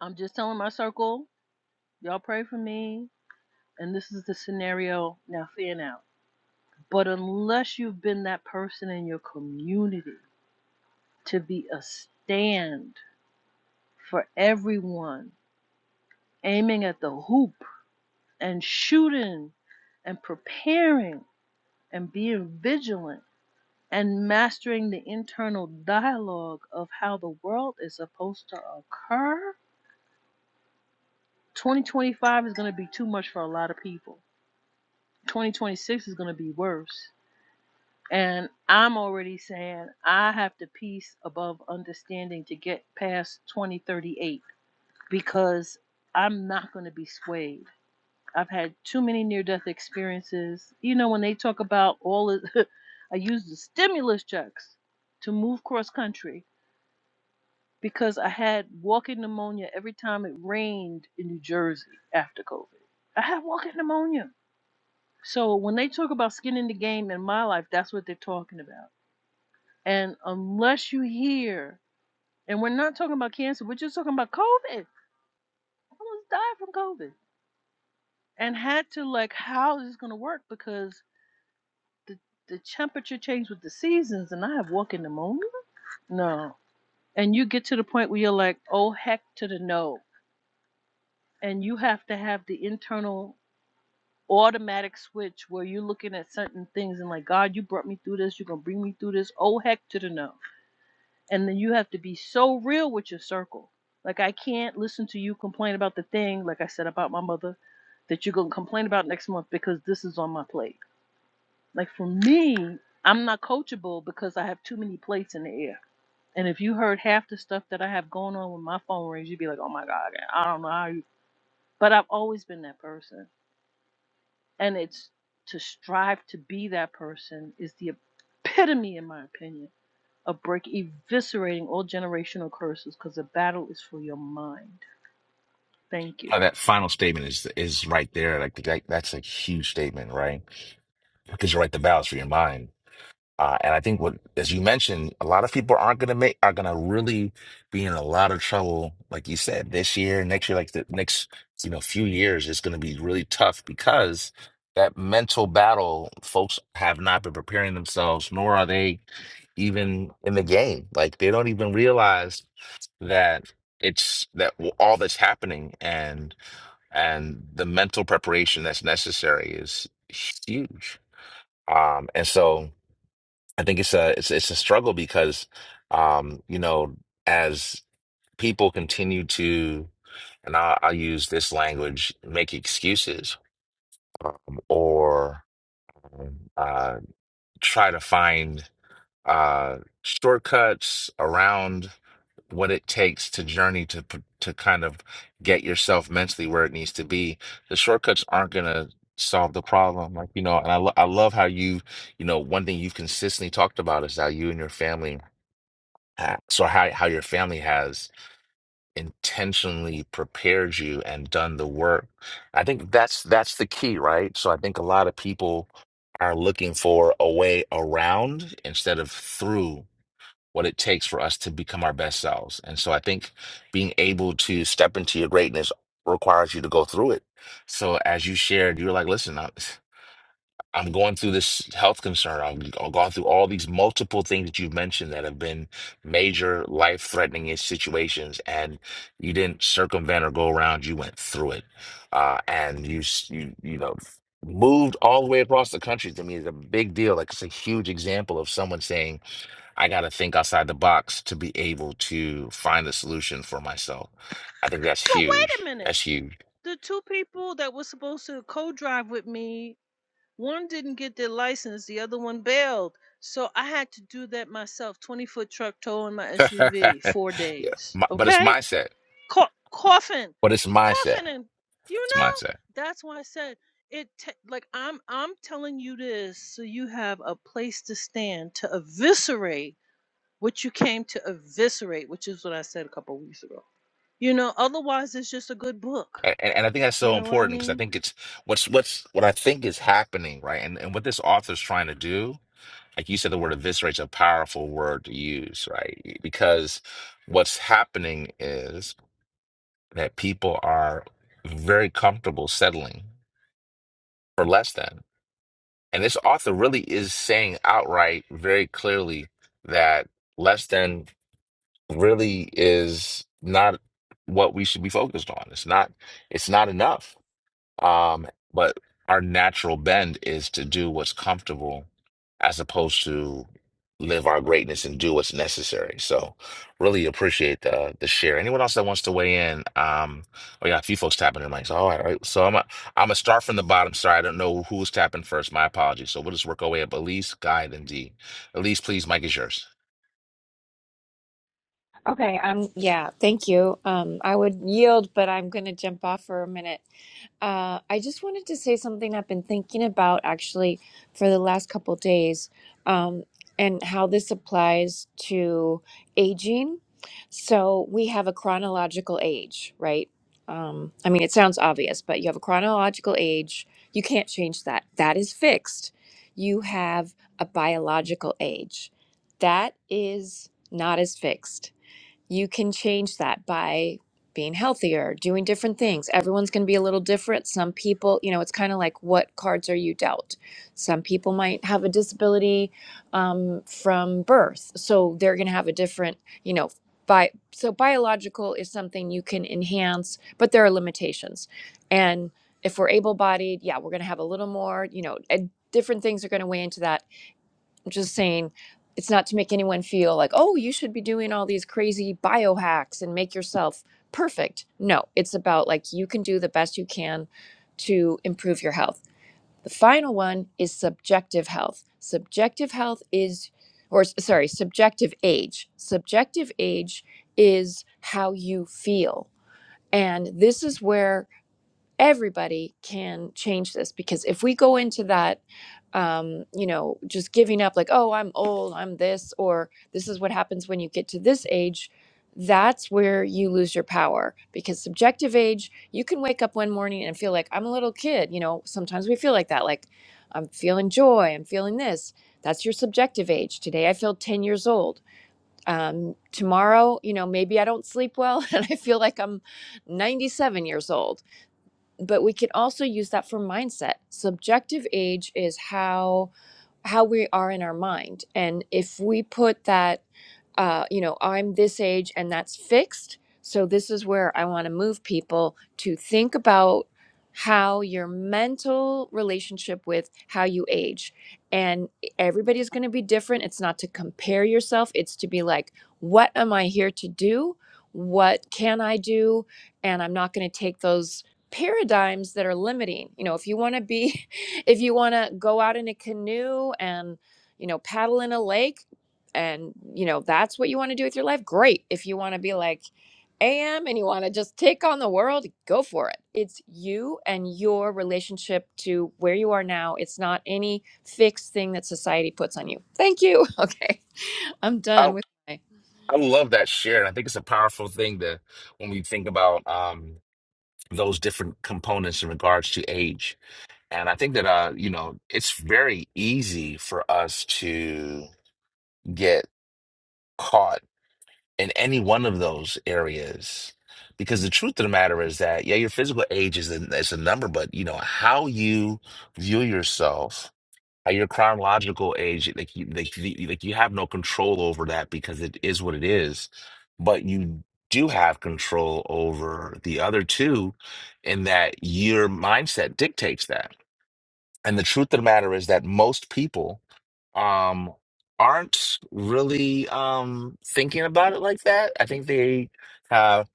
Speaker 7: I'm just telling my circle, y'all pray for me, and this is the scenario. Now, fan out. But unless you've been that person in your community to be a stand for everyone, aiming at the hoop and shooting and preparing and being vigilant and mastering the internal dialogue of how the world is supposed to occur, 2025 is going to be too much for a lot of people. 2026 is going to be worse. And I'm already saying I have to peace above understanding to get past 2038 because I'm not going to be swayed. I've had too many near death experiences. You know, when they talk about all of, I use the stimulus checks to move cross country because I had walking pneumonia every time it rained in New Jersey after COVID. I had walking pneumonia. So when they talk about skin in the game in my life, that's what they're talking about. And unless you hear, and we're not talking about cancer, we're just talking about COVID. I almost died from COVID and had to like, how is this going to work? Because the, the temperature changed with the seasons and I have walking pneumonia? No. And you get to the point where you're like, oh, heck to the no and you have to have the internal automatic switch where you're looking at certain things and like god you brought me through this you're gonna bring me through this oh heck to the no and then you have to be so real with your circle like i can't listen to you complain about the thing like i said about my mother that you're gonna complain about next month because this is on my plate like for me i'm not coachable because i have too many plates in the air and if you heard half the stuff that i have going on with my phone rings you'd be like oh my god i don't know how you but i've always been that person and it's to strive to be that person is the epitome in my opinion of break eviscerating all generational curses because the battle is for your mind thank you
Speaker 1: Uh, that final statement is is right there. Like that, that's a huge statement, right? Because you're right, the vows for your mind. Uh, and I think what, as you mentioned, a lot of people aren't going to make, are going to really be in a lot of trouble. Like you said, this year, next year, like the next, you know, few years is going to be really tough because that mental battle, folks have not been preparing themselves, nor are they even in the game. Like they don't even realize that it's that w- all that's happening and and the mental preparation that's necessary is huge. Um, and so. I think it's a it's it's a struggle because um, you know, as people continue to, and I, I use this language, make excuses um, or um, uh, try to find uh, shortcuts around what it takes to journey to p- to kind of get yourself mentally where it needs to be. The shortcuts aren't gonna solve the problem, like you know. And I lo I love how you you know one thing you've consistently talked about is how you and your family ha- so how how your family has intentionally prepared you and done the work. I think that's that's the key, right? So I think a lot of people are looking for a way around instead of through what it takes for us to become our best selves. And so I think being able to step into your greatness requires you to go through it. So as you shared, you were like, listen, I, I'm going through this health concern. I've, I've gone through all these multiple things that you've mentioned that have been major life threatening situations, and you didn't circumvent or go around. You went through it, uh, and you s- you you know moved all the way across the country. To me, is a big deal. Like it's a huge example of someone saying, "I got to think outside the box to be able to find a solution for myself." I think that's
Speaker 7: but wait a
Speaker 1: huge.
Speaker 7: minute
Speaker 1: That's huge.
Speaker 7: the two people that were supposed to co-drive with me one didn't get their license the other one bailed so i had to do that myself 20 foot truck towing my suv four
Speaker 1: yeah.
Speaker 7: days
Speaker 1: My, but it's
Speaker 7: okay
Speaker 1: mindset.
Speaker 7: cough, coughing,
Speaker 1: But it's mindset.
Speaker 7: coughing, and you
Speaker 1: It's
Speaker 7: know
Speaker 1: mindset.
Speaker 7: that's why I said it. ta like I'm, I'm telling you this so you have a place to stand to eviscerate what you came to eviscerate, which is what I said a couple of weeks ago. You know, otherwise it's just a good book.
Speaker 1: And, and I think that's
Speaker 7: You
Speaker 1: so
Speaker 7: know what I
Speaker 1: important because I
Speaker 7: mean?
Speaker 1: think it's what's what's what I think is happening, right? And and what this author's trying to do, like you said, the word eviscerate's a powerful word to use, right? Because what's happening is that people are very comfortable settling for less than. And this author really is saying outright, very clearly, that less than really is not what we should be focused on. It's not it's not enough Um, but our natural bend is to do what's comfortable as opposed to live our greatness and do what's necessary. So really appreciate the the share. Anyone else that wants to weigh in? Um, we got a few folks tapping their mics. All right, all right. So I'm a, I'm gonna start from the bottom. Sorry, I don't know who's tapping first. My apologies. So we'll just work our way up. Elise, Guy, then D. Elise, please, Mike is yours.
Speaker 3: Okay, um, yeah, thank you. Um, I would yield, but I'm going to jump off for a minute. Uh, I just wanted to say something I've been thinking about actually for the last couple days, um, and how this applies to aging. So we have a chronological age, right? Um, I mean, it sounds obvious, but you have a chronological age. You can't change that. That is fixed. You have a biological age. That is not as fixed you can change that by being healthier, doing different things. Everyone's going to be a little different. Some people, you know, it's kind of like what cards are you dealt? Some people might have a disability um, from birth. So they're going to have a different, you know, bi- so biological is something you can enhance, but there are limitations. And if we're able bodied, yeah, we're going to have a little more, you know, and different things are going to weigh into that I'm just saying it's not to make anyone feel like, oh, you should be doing all these crazy biohacks and make yourself perfect. No, it's about like you can do the best you can to improve your health. The final one is subjective health. Subjective health is, or s- sorry, subjective age. Subjective age is how you feel. And this is where everybody can change this because if we go into that um you know just giving up like oh i'm old i'm this or this is what happens when you get to this age that's where you lose your power because subjective age you can wake up one morning and feel like i'm a little kid you know sometimes we feel like that like i'm feeling joy i'm feeling this that's your subjective age today i feel 10 years old um tomorrow you know maybe i don't sleep well and i feel like i'm 97 years old but we can also use that for mindset subjective age is how how we are in our mind and if we put that uh, you know, I'm this age and that's fixed. So this is where I want to move people to think about how your mental relationship with how you age. And e, everybody's going to be different. It's not to compare yourself, it's to be like, what am I here to do? What can I do? And I'm not going to take those paradigms that are limiting. You know, if you want to be, if you want to go out in a canoe and, you know, paddle in a lake, and you know that's what you want to do with your life great if you want to be like am and you want to just take on the world go for it it's you and your relationship to where you are now it's not any fixed thing that society puts on you thank you okay i'm
Speaker 1: Oh,
Speaker 3: done with my
Speaker 1: I love that share. And I think it's a powerful thing that when we think about um, those different components in regards to age. And I think that, uh, you know, it's very easy for us to get caught in any one of those areas. Because the truth of the matter is that, yeah, your physical age is a, is a number, but, you know, how you view yourself at your chronological age, like you, like, the- like you have no control over that because it is what it is. But you do have control over the other two, in that your mindset dictates that. And the truth of the matter is that most people um, aren't really um, thinking about it like that. I think they have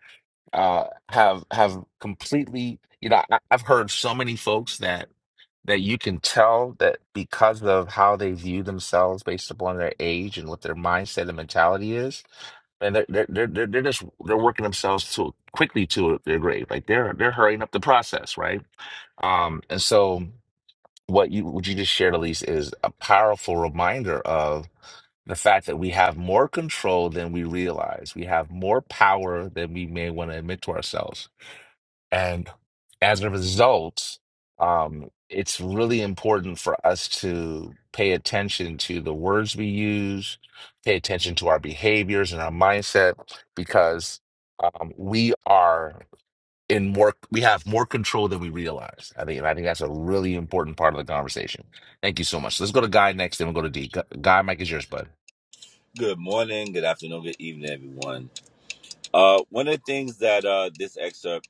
Speaker 1: uh, have have completely. You know, I, I've heard so many folks that that you can tell that because of how they view themselves based upon their age and what their mindset and mentality is, and they're they're they're, they're they're just they're working themselves to quickly to their grave. Like they're they're hurrying up the process, right? Um, and so what you what you just shared, Elise, is a powerful reminder of the fact that we have more control than we realize. We have more power than we may want to admit to ourselves and as a result, um, it's really important for us to pay attention to the words we use, pay attention to our behaviors and our mindset, because um, we are in more, we have more control than we realize. I think, I think that's a really important part of the conversation. Thank you so much. Let's go to Guy next, then we'll go to D. Gu- Guy, Mike is yours, bud.
Speaker 9: Good morning, good afternoon, good evening, everyone. Uh, one of the things that uh, this excerpt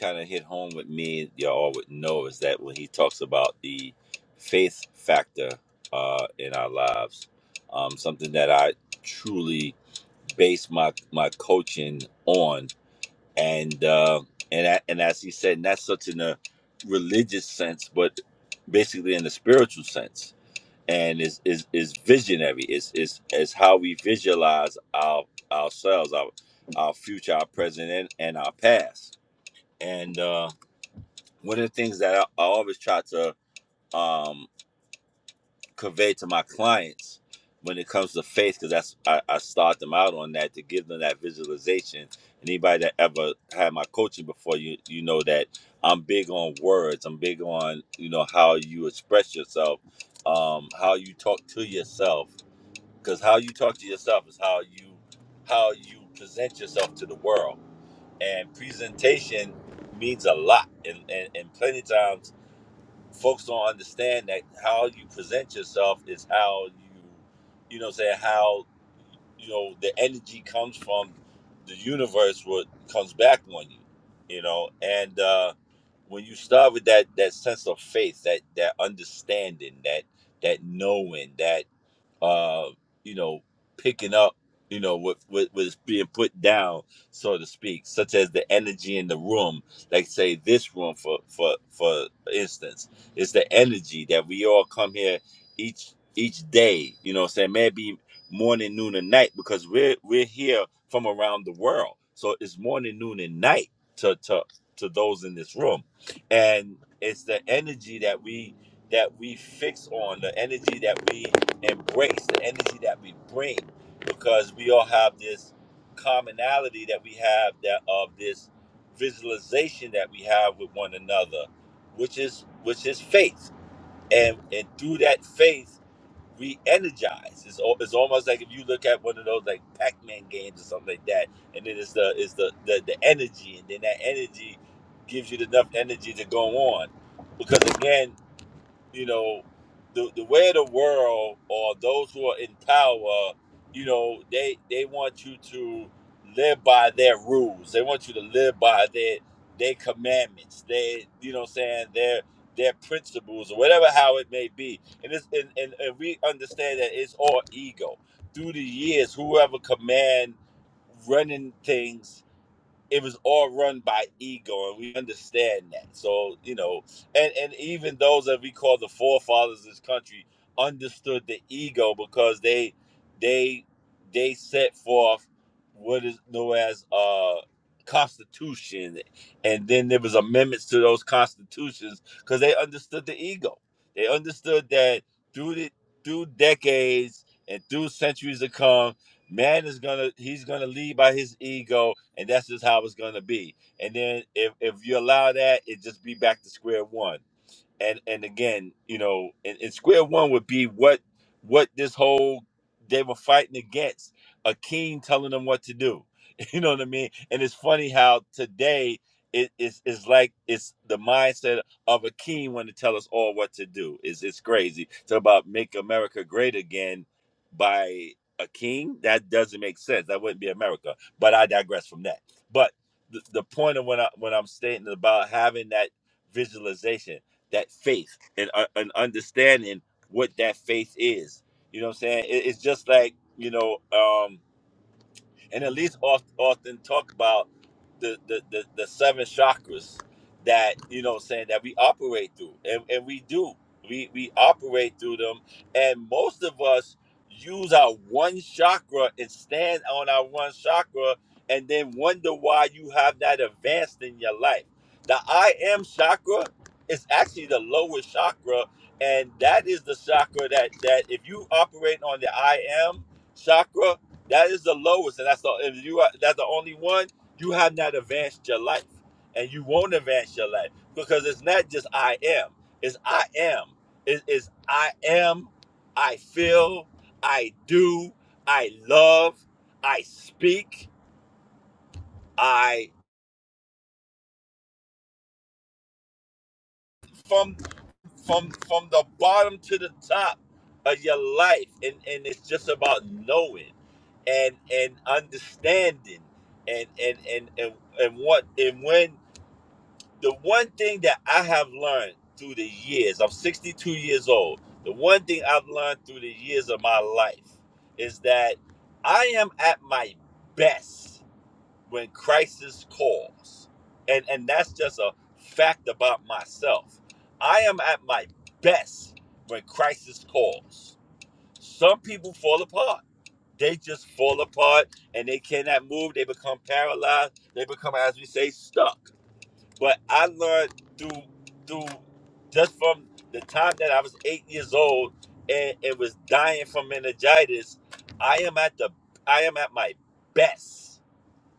Speaker 9: kind of hit home with me, y'all would know, is that when he talks about the faith factor uh, in our lives, um, something that I truly base my my coaching on, and uh, and a- and as he said, not such in a religious sense, but basically in the spiritual sense and it's is is visionary. It's is is how we visualize our ourselves, our our future, our present, and, and our past. And uh, one of the things that I, I always try to um, convey to my clients when it comes to faith, because that's I, I start them out on that to give them that visualization. Anybody that ever had my coaching before, you you know that I'm big on words. I'm big on you know how you express yourself, um, how you talk to yourself because how you talk to yourself is how you how you present yourself to the world and presentation means a lot and, and, and plenty of times folks don't understand that how you present yourself is how you you know what I'm saying how you know the energy comes from the universe what comes back on you you know and uh when you start with that that sense of faith that that understanding that that knowing that uh, you know, picking up, you know, what what was being put down, so to speak, such as the energy in the room. Like say this room for for for instance, it's the energy that we all come here each each day. You know, what I'm saying maybe morning, noon, and night because we're we're here from around the world, so it's morning, noon, and night to to to those in this room, and it's the energy that we that we fix on the energy that we embrace the energy that we bring because we all have this commonality that we have that of this visualization that we have with one another which is which is faith and and through that faith we energize it's, al- it's almost like if you look at one of those like pac-man games or something like that and then it's the it's the the, the energy and then that energy gives you enough energy to go on because again you know, the the way of the world or those who are in power, you know, they they want you to live by their rules. They want you to live by their their commandments. They you know what I'm saying their their principles or whatever how it may be. And it's and, and, and we understand that it's all ego. Through the years, whoever command running things it was all run by ego and we understand that so you know and and even those that we call the forefathers of this country understood the ego because they they they set forth what is known as uh constitution and then there was amendments to those constitutions because they understood the ego they understood that through the through decades and through centuries to come man is gonna he's gonna lead by his ego and that's just how it's gonna be and then if, if you allow that it just be back to square one and and again, you know, and, and square one would be what what this whole they were fighting against a king telling them what to do. You know what I mean? And it's funny how today it is is like it's the mindset of a king wanting to tell us all what to do. Is it's it's crazy. It's about make America great again by a king. That doesn't make sense. That wouldn't be America. But I digress from that. But the, the point of when I when I'm stating about having that visualization that faith and, uh, and understanding what that faith is. You know what I'm saying? It, it's just like, you know, um, and at least oft, often talk about the, the the the seven chakras that you know what I'm saying that we operate through and, and we do we we operate through them and most of us use our one chakra and stand on our one chakra and then wonder why you have not advanced in your life the i am chakra is actually the lowest chakra and that is the chakra that that if you operate on the i am chakra that is the lowest, and that's the if you are that's the only one you have not advanced your life, and you won't advance your life because it's not just I am, it's I am, it is I am, I feel, I do, I love, I speak, I from from from the bottom to the top of your life, and and it's just about knowing, and and understanding, and and and and and what and when the one thing that I have learned through the years, I'm 62 years old. The one thing I've learned through the years of my life is that I am at my best when crisis calls. And and that's just a fact about myself. I am at my best when crisis calls. Some people fall apart. They just fall apart and they cannot move. They become paralyzed. They become, as we say, stuck but I learned through through just from the time that I was eight years old and, and was dying from meningitis, I am at the I am at my best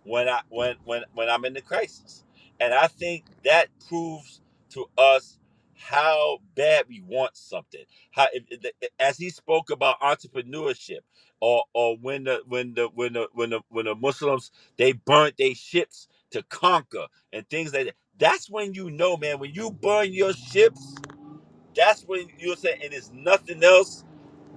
Speaker 9: when I when when when I'm in the crisis. And I think that proves to us how bad we want something. How if, if- as he spoke about entrepreneurship or or when the when the when the when the when the Muslims they burnt their ships to conquer and things like that. That's when you know, man, when you burn your ships, that's when you'll say and it's nothing else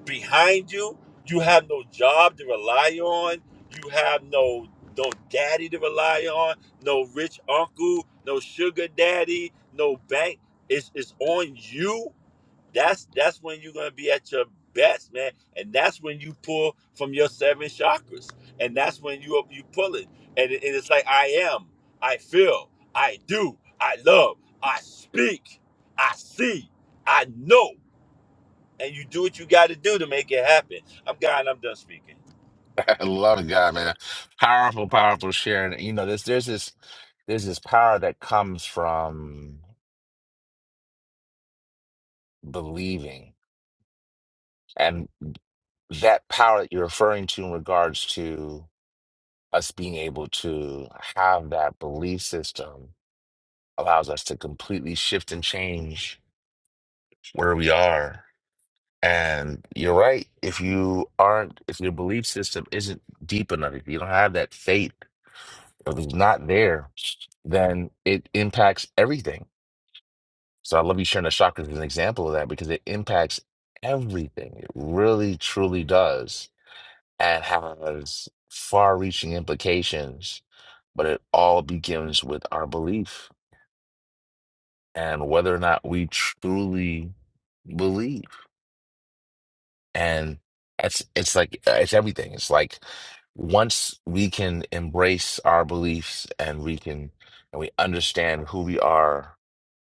Speaker 9: behind you. You have no job to rely on. You have no no daddy to rely on. No rich uncle. No sugar daddy. No bank. It's it's on you. That's that's when you're gonna be at your best, man. And that's when you pull from your seven chakras. And that's when you you pull it. And, it- and it's like I am. I feel. I do. I love. I speak. I see. I know and you do what you got to do to make it happen. I'm God. and I'm done speaking.
Speaker 1: I love it, Guy, man. Powerful, powerful sharing. You know, there's there's this there's this power that comes from believing. And that power that you're referring to in regards to us being able to have that belief system allows us to completely shift and change where we are. And you're right. If you aren't, if your belief system isn't deep enough, if you don't have that faith, if it's not there, then it impacts everything. So I love you sharing the chakras as an example of that because it impacts everything. It really, truly does and has far-reaching implications, but it all begins with our belief and whether or not we truly believe. And it's it's like it's everything. It's like once we can embrace our beliefs and we can and we understand who we are,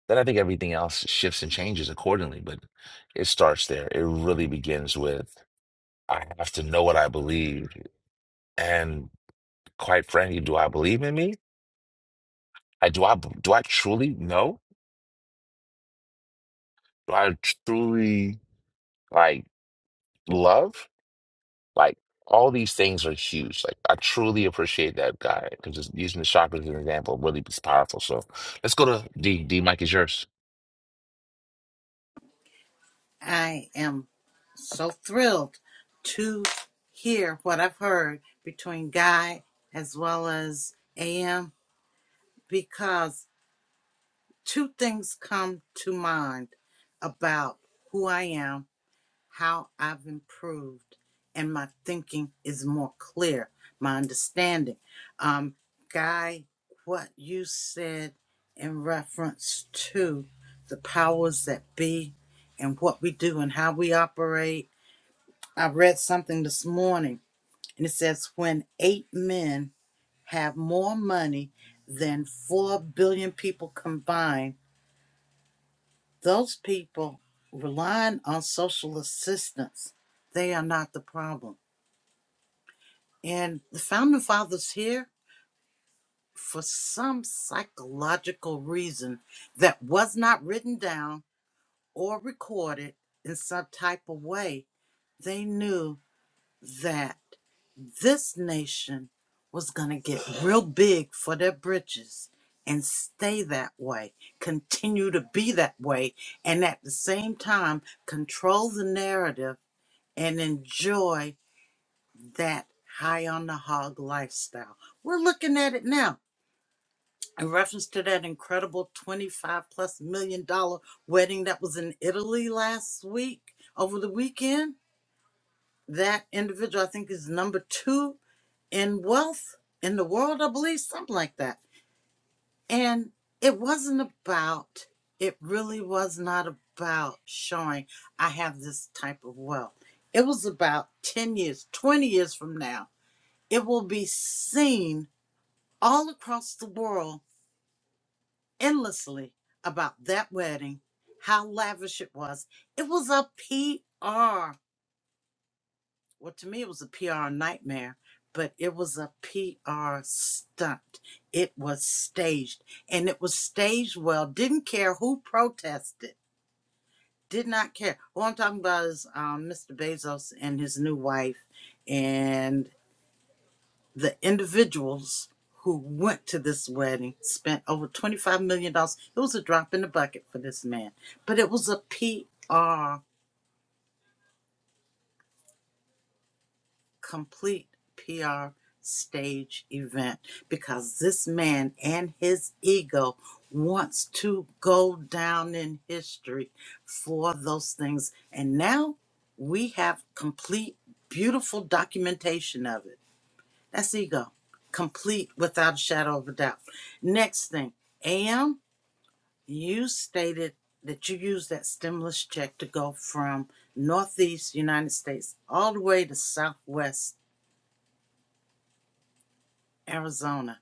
Speaker 1: then I think everything else shifts and changes accordingly. But it starts there. It really begins with I have to know what I believe. And quite frankly, do I believe in me? I do I do I truly know? Do I truly like love? Like all these things are huge. Like I truly appreciate that guy because using the chakras as an example really is powerful. So let's go to D. D. Mike is yours.
Speaker 2: I am so thrilled to hear what I've heard between Guy as well as AM because two things come to mind about who I am, how I've improved, and my thinking is more clear, my understanding. Um, Guy, what you said in reference to the powers that be and what we do and how we operate. I read something this morning and it says when eight men have more money than four billion people combined Those people relying on social assistance, they are not the problem. And the founding fathers here, for some psychological reason that was not written down or recorded in some type of way, they knew that this nation was going to get real big for their britches and stay that way, continue to be that way, and at the same time control the narrative and enjoy that high on the hog lifestyle. We're looking at it now. In reference to that incredible 25 plus million dollar wedding that was in Italy last week, over the weekend, that individual, I think, is number two in wealth in the world, I believe, something like that. And it wasn't about, it really was not about showing I have this type of wealth. It was about 10 years, 20 years from now, it will be seen all across the world endlessly about that wedding, how lavish it was. It was a PR. well, to me, it was a PR nightmare, but it was a PR stunt. It was staged, and it was staged well. Didn't care who protested. Did not care. All I'm talking about is um, Mr. Bezos and his new wife, and the individuals who went to this wedding spent over $25 million. dollars. It was a drop in the bucket for this man, but it was a PR complete PR stage event because this man and his ego wants to go down in history for those things. And now we have complete, beautiful documentation of it. That's ego, complete without a shadow of a doubt. Next thing, AM, you stated that you used that stimulus check to go from Northeast United States all the way to Southwest Arizona,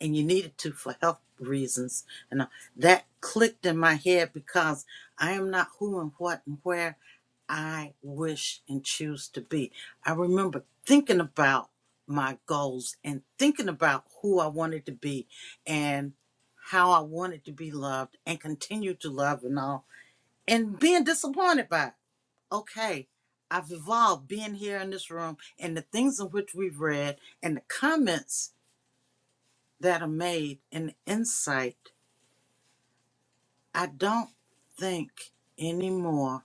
Speaker 2: and you needed to for health reasons. And uh, that clicked in my head because I am not who and what and where I wish and choose to be. I remember thinking about my goals and thinking about who I wanted to be and how I wanted to be loved and continue to love and all, and being disappointed by it. Okay. I've evolved being here in this room and the things in which we've read and the comments that are made in insight. I don't think anymore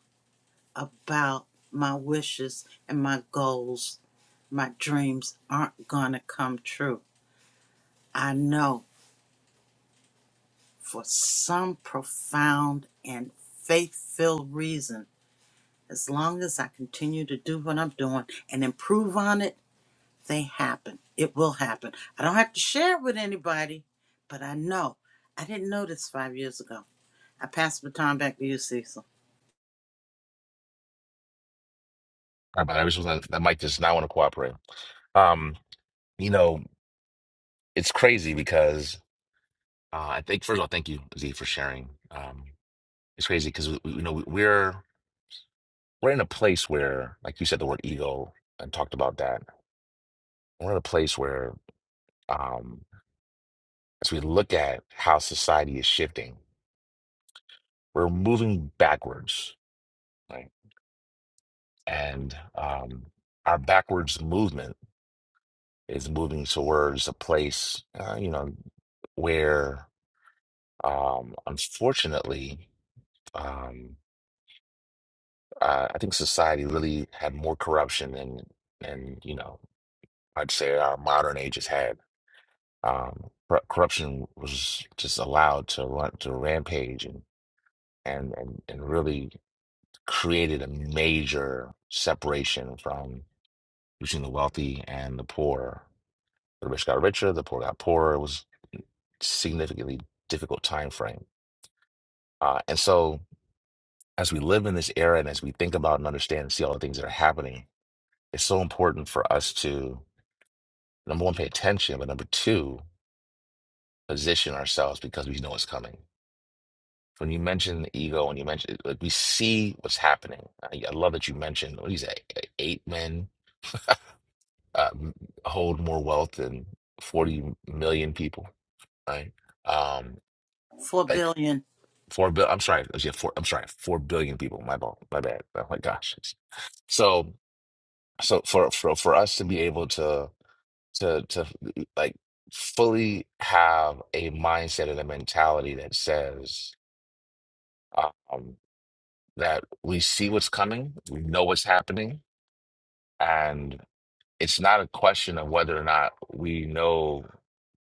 Speaker 2: about my wishes and my goals. My dreams aren't going to come true. I know for some profound and faith filled reason, as long as I continue to do what I'm doing and improve on it, they happen. It will happen. I don't have to share it with anybody, but I know. I didn't know this five years ago. I pass the baton back to you, Cecil.
Speaker 1: All right, but I wish that that Mike does not want to cooperate. Um, you know, it's crazy because uh, I think first of all, thank you Z for sharing. Um, it's crazy because we, we- you know we, we're we're in a place where, like you said, the word ego and talked about that. We're in a place where um, as we look at how society is shifting, we're moving backwards, right? And um, our backwards movement is moving towards a place, uh, you know, where um, unfortunately, um, uh, I think society really had more corruption than, than you know, I'd say our modern age has had. Um, cor- corruption was just allowed to run to rampage and and and, and really created a major separation from between the wealthy and the poor. The rich got richer, the poor got poorer. It was a significantly difficult time frame. Uh, and so as we live in this era and as we think about and understand and see all the things that are happening, it's so important for us to number one, pay attention, but number two, position ourselves because we know it's coming. When you mention the ego and you mention like we see what's happening. I, I love that you mentioned what do you say, e, eight men um, hold more wealth than 40 million people, right? Um,
Speaker 2: Four
Speaker 1: like
Speaker 2: billion
Speaker 1: four bill. I'm sorry, yeah, four. I'm sorry, four billion people. My fault. My bad. Oh my gosh. So, so for for for us to be able to to to like fully have a mindset and a mentality that says um, that we see what's coming, we know what's happening, it's not a question of whether or not we know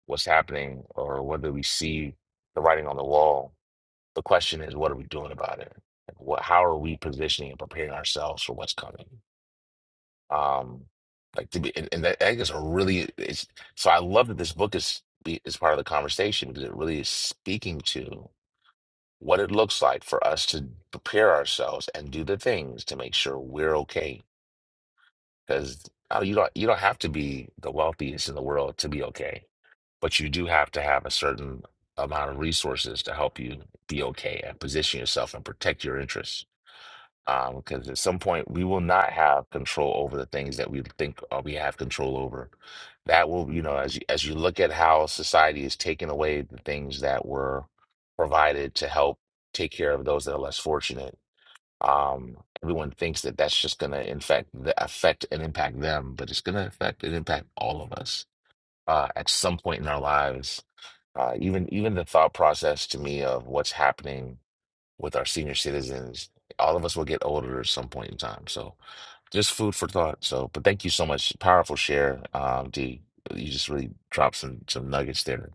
Speaker 1: what's happening or whether we see the writing on the wall. The question is, what are we doing about it? Like, What, how are we positioning and preparing ourselves for what's coming? Um, like to be, and, and that, I guess a really it's. So I love that this book is be- is part of the conversation because it really is speaking to what it looks like for us to prepare ourselves and do the things to make sure we're okay because oh, you don't you don't have to be the wealthiest in the world to be okay, but you do have to have a certain amount of resources to help you be okay and position yourself and protect your interests. Um, because at some point we will not have control over the things that we think uh, we have control over. That will, you know, as you, as you look at how society is taking away the things that were provided to help take care of those that are less fortunate um, everyone thinks that that's just going to infect the affect and impact them, but it's going to affect and impact all of us uh, at some point in our lives. Uh, even even the thought process to me of what's happening with our senior citizens, all of us will get older at some point in time. So just food for thought. So, but thank you so much. Powerful share, um, D. You just really dropped some some nuggets there,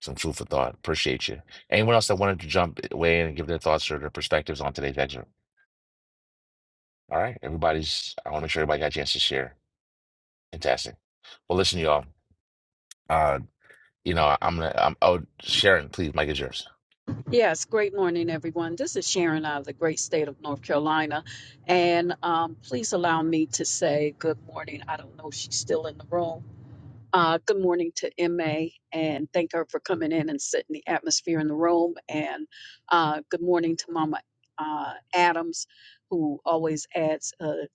Speaker 1: some food for thought. Appreciate you. Anyone else that wanted to jump way in and give their thoughts or their perspectives on today's excerpt? All right, everybody's. I want to make sure everybody got a chance to share. Fantastic. Well, listen, y'all. Uh, you know, I'm gonna. I'm, oh, Sharon, please, Mike is yours.
Speaker 8: Yes, great morning, everyone. This is Sharon out of the great state of North Carolina. And um, please allow me to say good morning. I don't know if she's still in the room. Uh, good morning to MA and thank her for coming in and setting the atmosphere in the room. And uh, good morning to Mama uh, Adams, who always adds an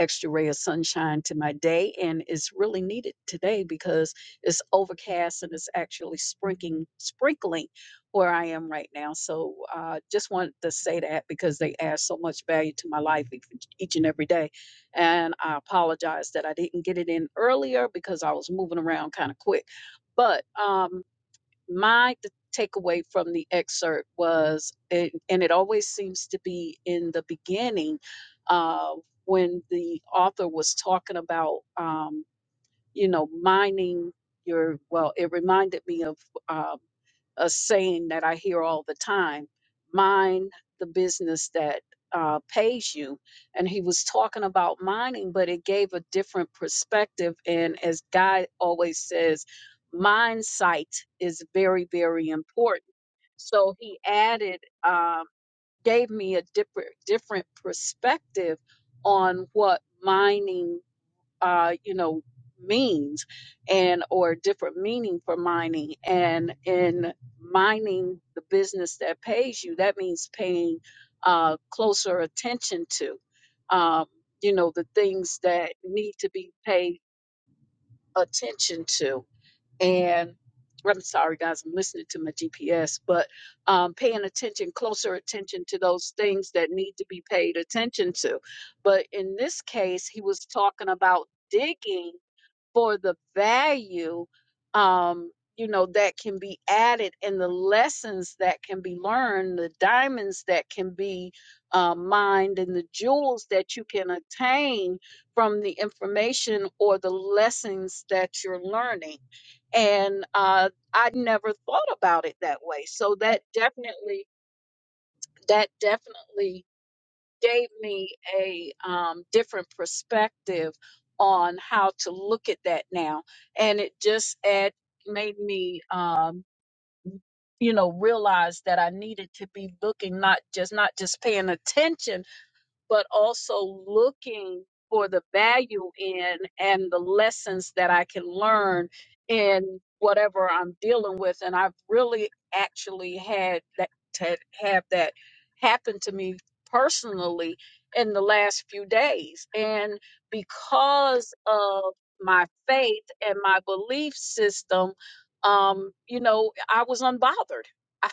Speaker 8: extra ray of sunshine to my day. And it's really needed today because it's overcast and it's actually sprinkling, sprinkling where I am right now. So uh, just wanted to say that because they add so much value to my life each each and every day. And I apologize that I didn't get it in earlier because I was moving around kind of quick. But um, my th- takeaway from the excerpt was, it, and it always seems to be in the beginning uh, when the author was talking about. Um, you know, mining your, well, it reminded me of um, a saying that I hear all the time mind the business that uh, pays you. And he was talking about mining, but it gave a different perspective. And as Guy always says, mind sight is very, very important. So he added, um, gave me a different, different perspective on what mining uh, you know means and or different meaning for mining and in mining the business that pays you that means paying uh, closer attention to um, you know the things that need to be paid attention to and i'm sorry guys i'm listening to my gps but um, paying attention closer attention to those things that need to be paid attention to but in this case he was talking about digging for the value um you know that can be added and the lessons that can be learned the diamonds that can be uh, mined and the jewels that you can attain from the information or the lessons that you're learning and uh, i never thought about it that way so that definitely that definitely gave me a um, different perspective on how to look at that now, and it just add made me, um, you know, realize that I needed to be looking not just not just paying attention but also looking for the value in and the lessons that I can learn in whatever I'm dealing with. And I've really actually had that to have that happen to me personally in the last few days. And because of my faith and my belief system, um, you know, I was unbothered. I,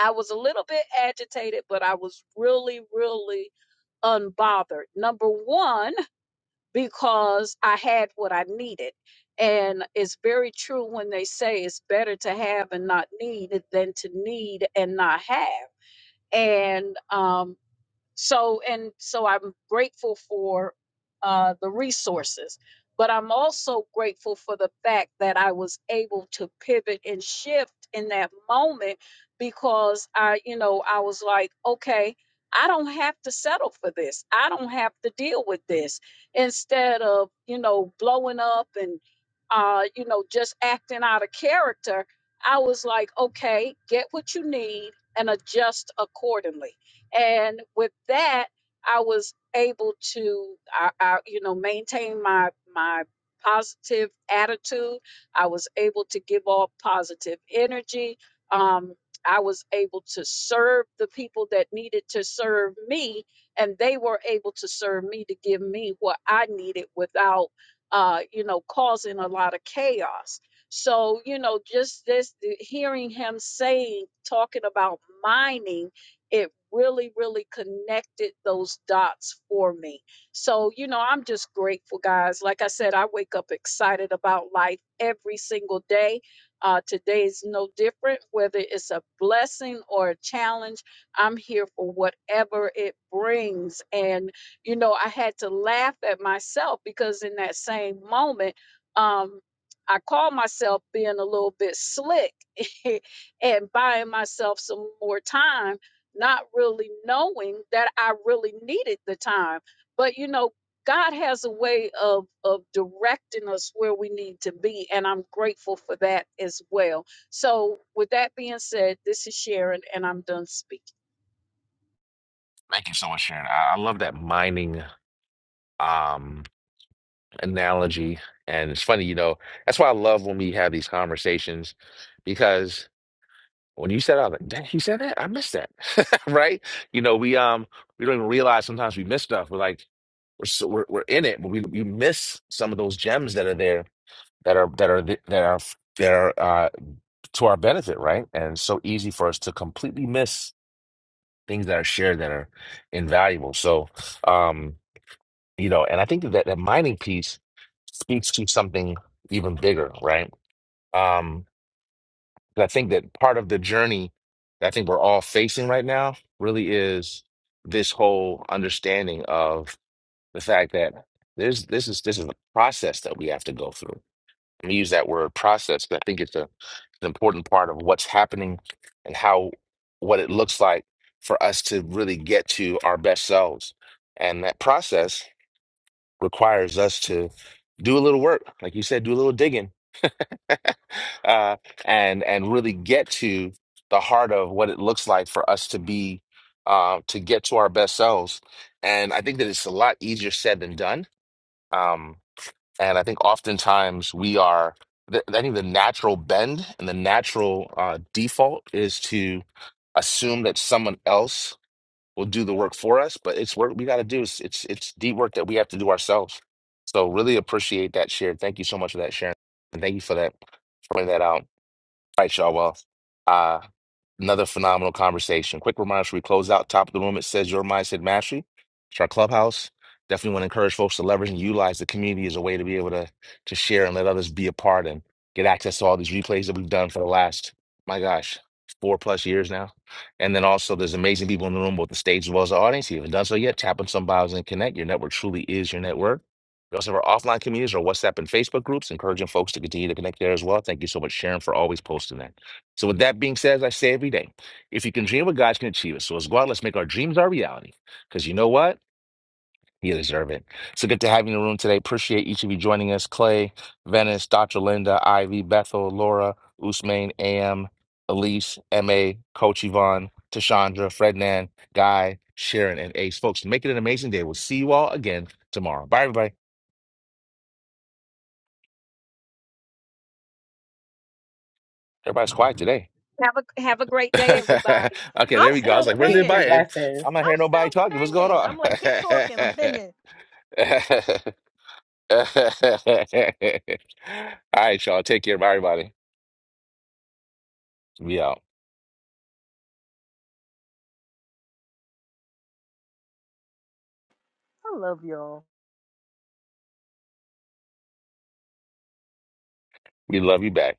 Speaker 8: I was a little bit agitated, but I was really, really unbothered. Number one, because I had what I needed. And it's very true when they say it's better to have and not need than to need and not have. And um so and so i'm grateful for uh, the resources but i'm also grateful for the fact that i was able to pivot and shift in that moment because i you know i was like okay i don't have to settle for this i don't have to deal with this instead of you know blowing up and uh you know just acting out of character i was like okay get what you need and adjust accordingly and with that, I was able to, I, I, you know, maintain my my positive attitude. I was able to give off positive energy. Um, I was able to serve the people that needed to serve me, and they were able to serve me to give me what I needed without, uh, you know, causing a lot of chaos. So, you know, just this the- hearing him saying, talking about mining it really, really connected those dots for me. So, you know, I'm just grateful, guys. Like I said, I wake up excited about life every single day. Uh, today is no different, whether it's a blessing or a challenge. I'm here for whatever it brings. And, you know, I had to laugh at myself because in that same moment, um, I called myself being a little bit slick and buying myself some more time not really knowing that I really needed the time. But you know, God has a way of of directing us where we need to be, and I'm grateful for that as well. So, with that being said, this is Sharon, and I'm done speaking.
Speaker 1: Thank you so much, Sharon. I, I love that mining um analogy, and it's funny, you know, that's why I love when we have these conversations because when you said, "I was like, dang, you said that," I missed that, right? You know, we um we don't even realize sometimes we miss stuff. We're like, we're so, we're, we're in it, but we we miss some of those gems that are there that are that are that are that are uh, to our benefit, right? And it's so easy for us to completely miss things that are shared that are invaluable. So, um, you know, and I think that that mining piece speaks to something even bigger, right? Um, and I think that part of the journey that I think we're all facing right now really is this whole understanding of the fact that there's this is this is a process that we have to go through We use that word process, but I think it's a, an important part of what's happening and how what it looks like for us to really get to our best selves. And that process requires us to do a little work, like you said, do a little digging, uh, and and really get to the heart of what it looks like for us to be uh, to get to our best selves. And I think that it's a lot easier said than done. Um, and I think oftentimes we are, th- I think the natural bend and the natural uh, default is to assume that someone else will do the work for us, but it's work we got to do. It's, it's, it's deep work that we have to do ourselves. So really appreciate that share. Thank you so much for that, Sharon. And thank you for that, for pointing that out. All right, y'all. Well, uh, another phenomenal conversation. Quick reminder before we close out, top of the room, it says Your Mindset Mastery. It's our clubhouse. Definitely want to encourage folks to leverage and utilize the community as a way to be able to, to share and let others be a part and get access to all these replays that we've done for the last, my gosh, four plus years now. And then also, there's amazing people in the room, both the stage as well as the audience. If you haven't done so yet, tap on some bios and connect. Your network truly is your network. We also have our offline communities, our WhatsApp and Facebook groups, encouraging folks to continue to connect there as well. Thank you so much, Sharon, for always posting that. So, with that being said, as I say every day, if you can dream what God can achieve it. So, let's go out, let's make our dreams our reality. Because you know what? You deserve it. So good to have you in the room today. Appreciate each of you joining us. Clay, Venice, Dr. Linda, Ivy, Bethel, Laura, Usmain, AM, Elise, MA, Coach Yvonne, Tashandra, Frednan, Guy, Sharon, and Ace. Folks, make it an amazing day. We'll see you all again tomorrow. Bye, everybody. Everybody's quiet today.
Speaker 8: Have a have a great day,
Speaker 10: Peace,
Speaker 8: everybody.
Speaker 1: okay, there
Speaker 7: I'm
Speaker 1: we go. I was
Speaker 7: still
Speaker 1: like, where's
Speaker 10: peace
Speaker 7: pinging.
Speaker 10: and
Speaker 1: everybody?
Speaker 10: blessings.
Speaker 1: I'm not
Speaker 7: I'm
Speaker 1: hearing nobody
Speaker 7: still
Speaker 1: talking. What's going
Speaker 7: pinging.
Speaker 1: on?
Speaker 7: I'm
Speaker 1: All
Speaker 7: like, keep talking. I'm pinging.
Speaker 1: right, y'all. Take care of everybody. We out.
Speaker 7: I love y'all.
Speaker 1: We love you back.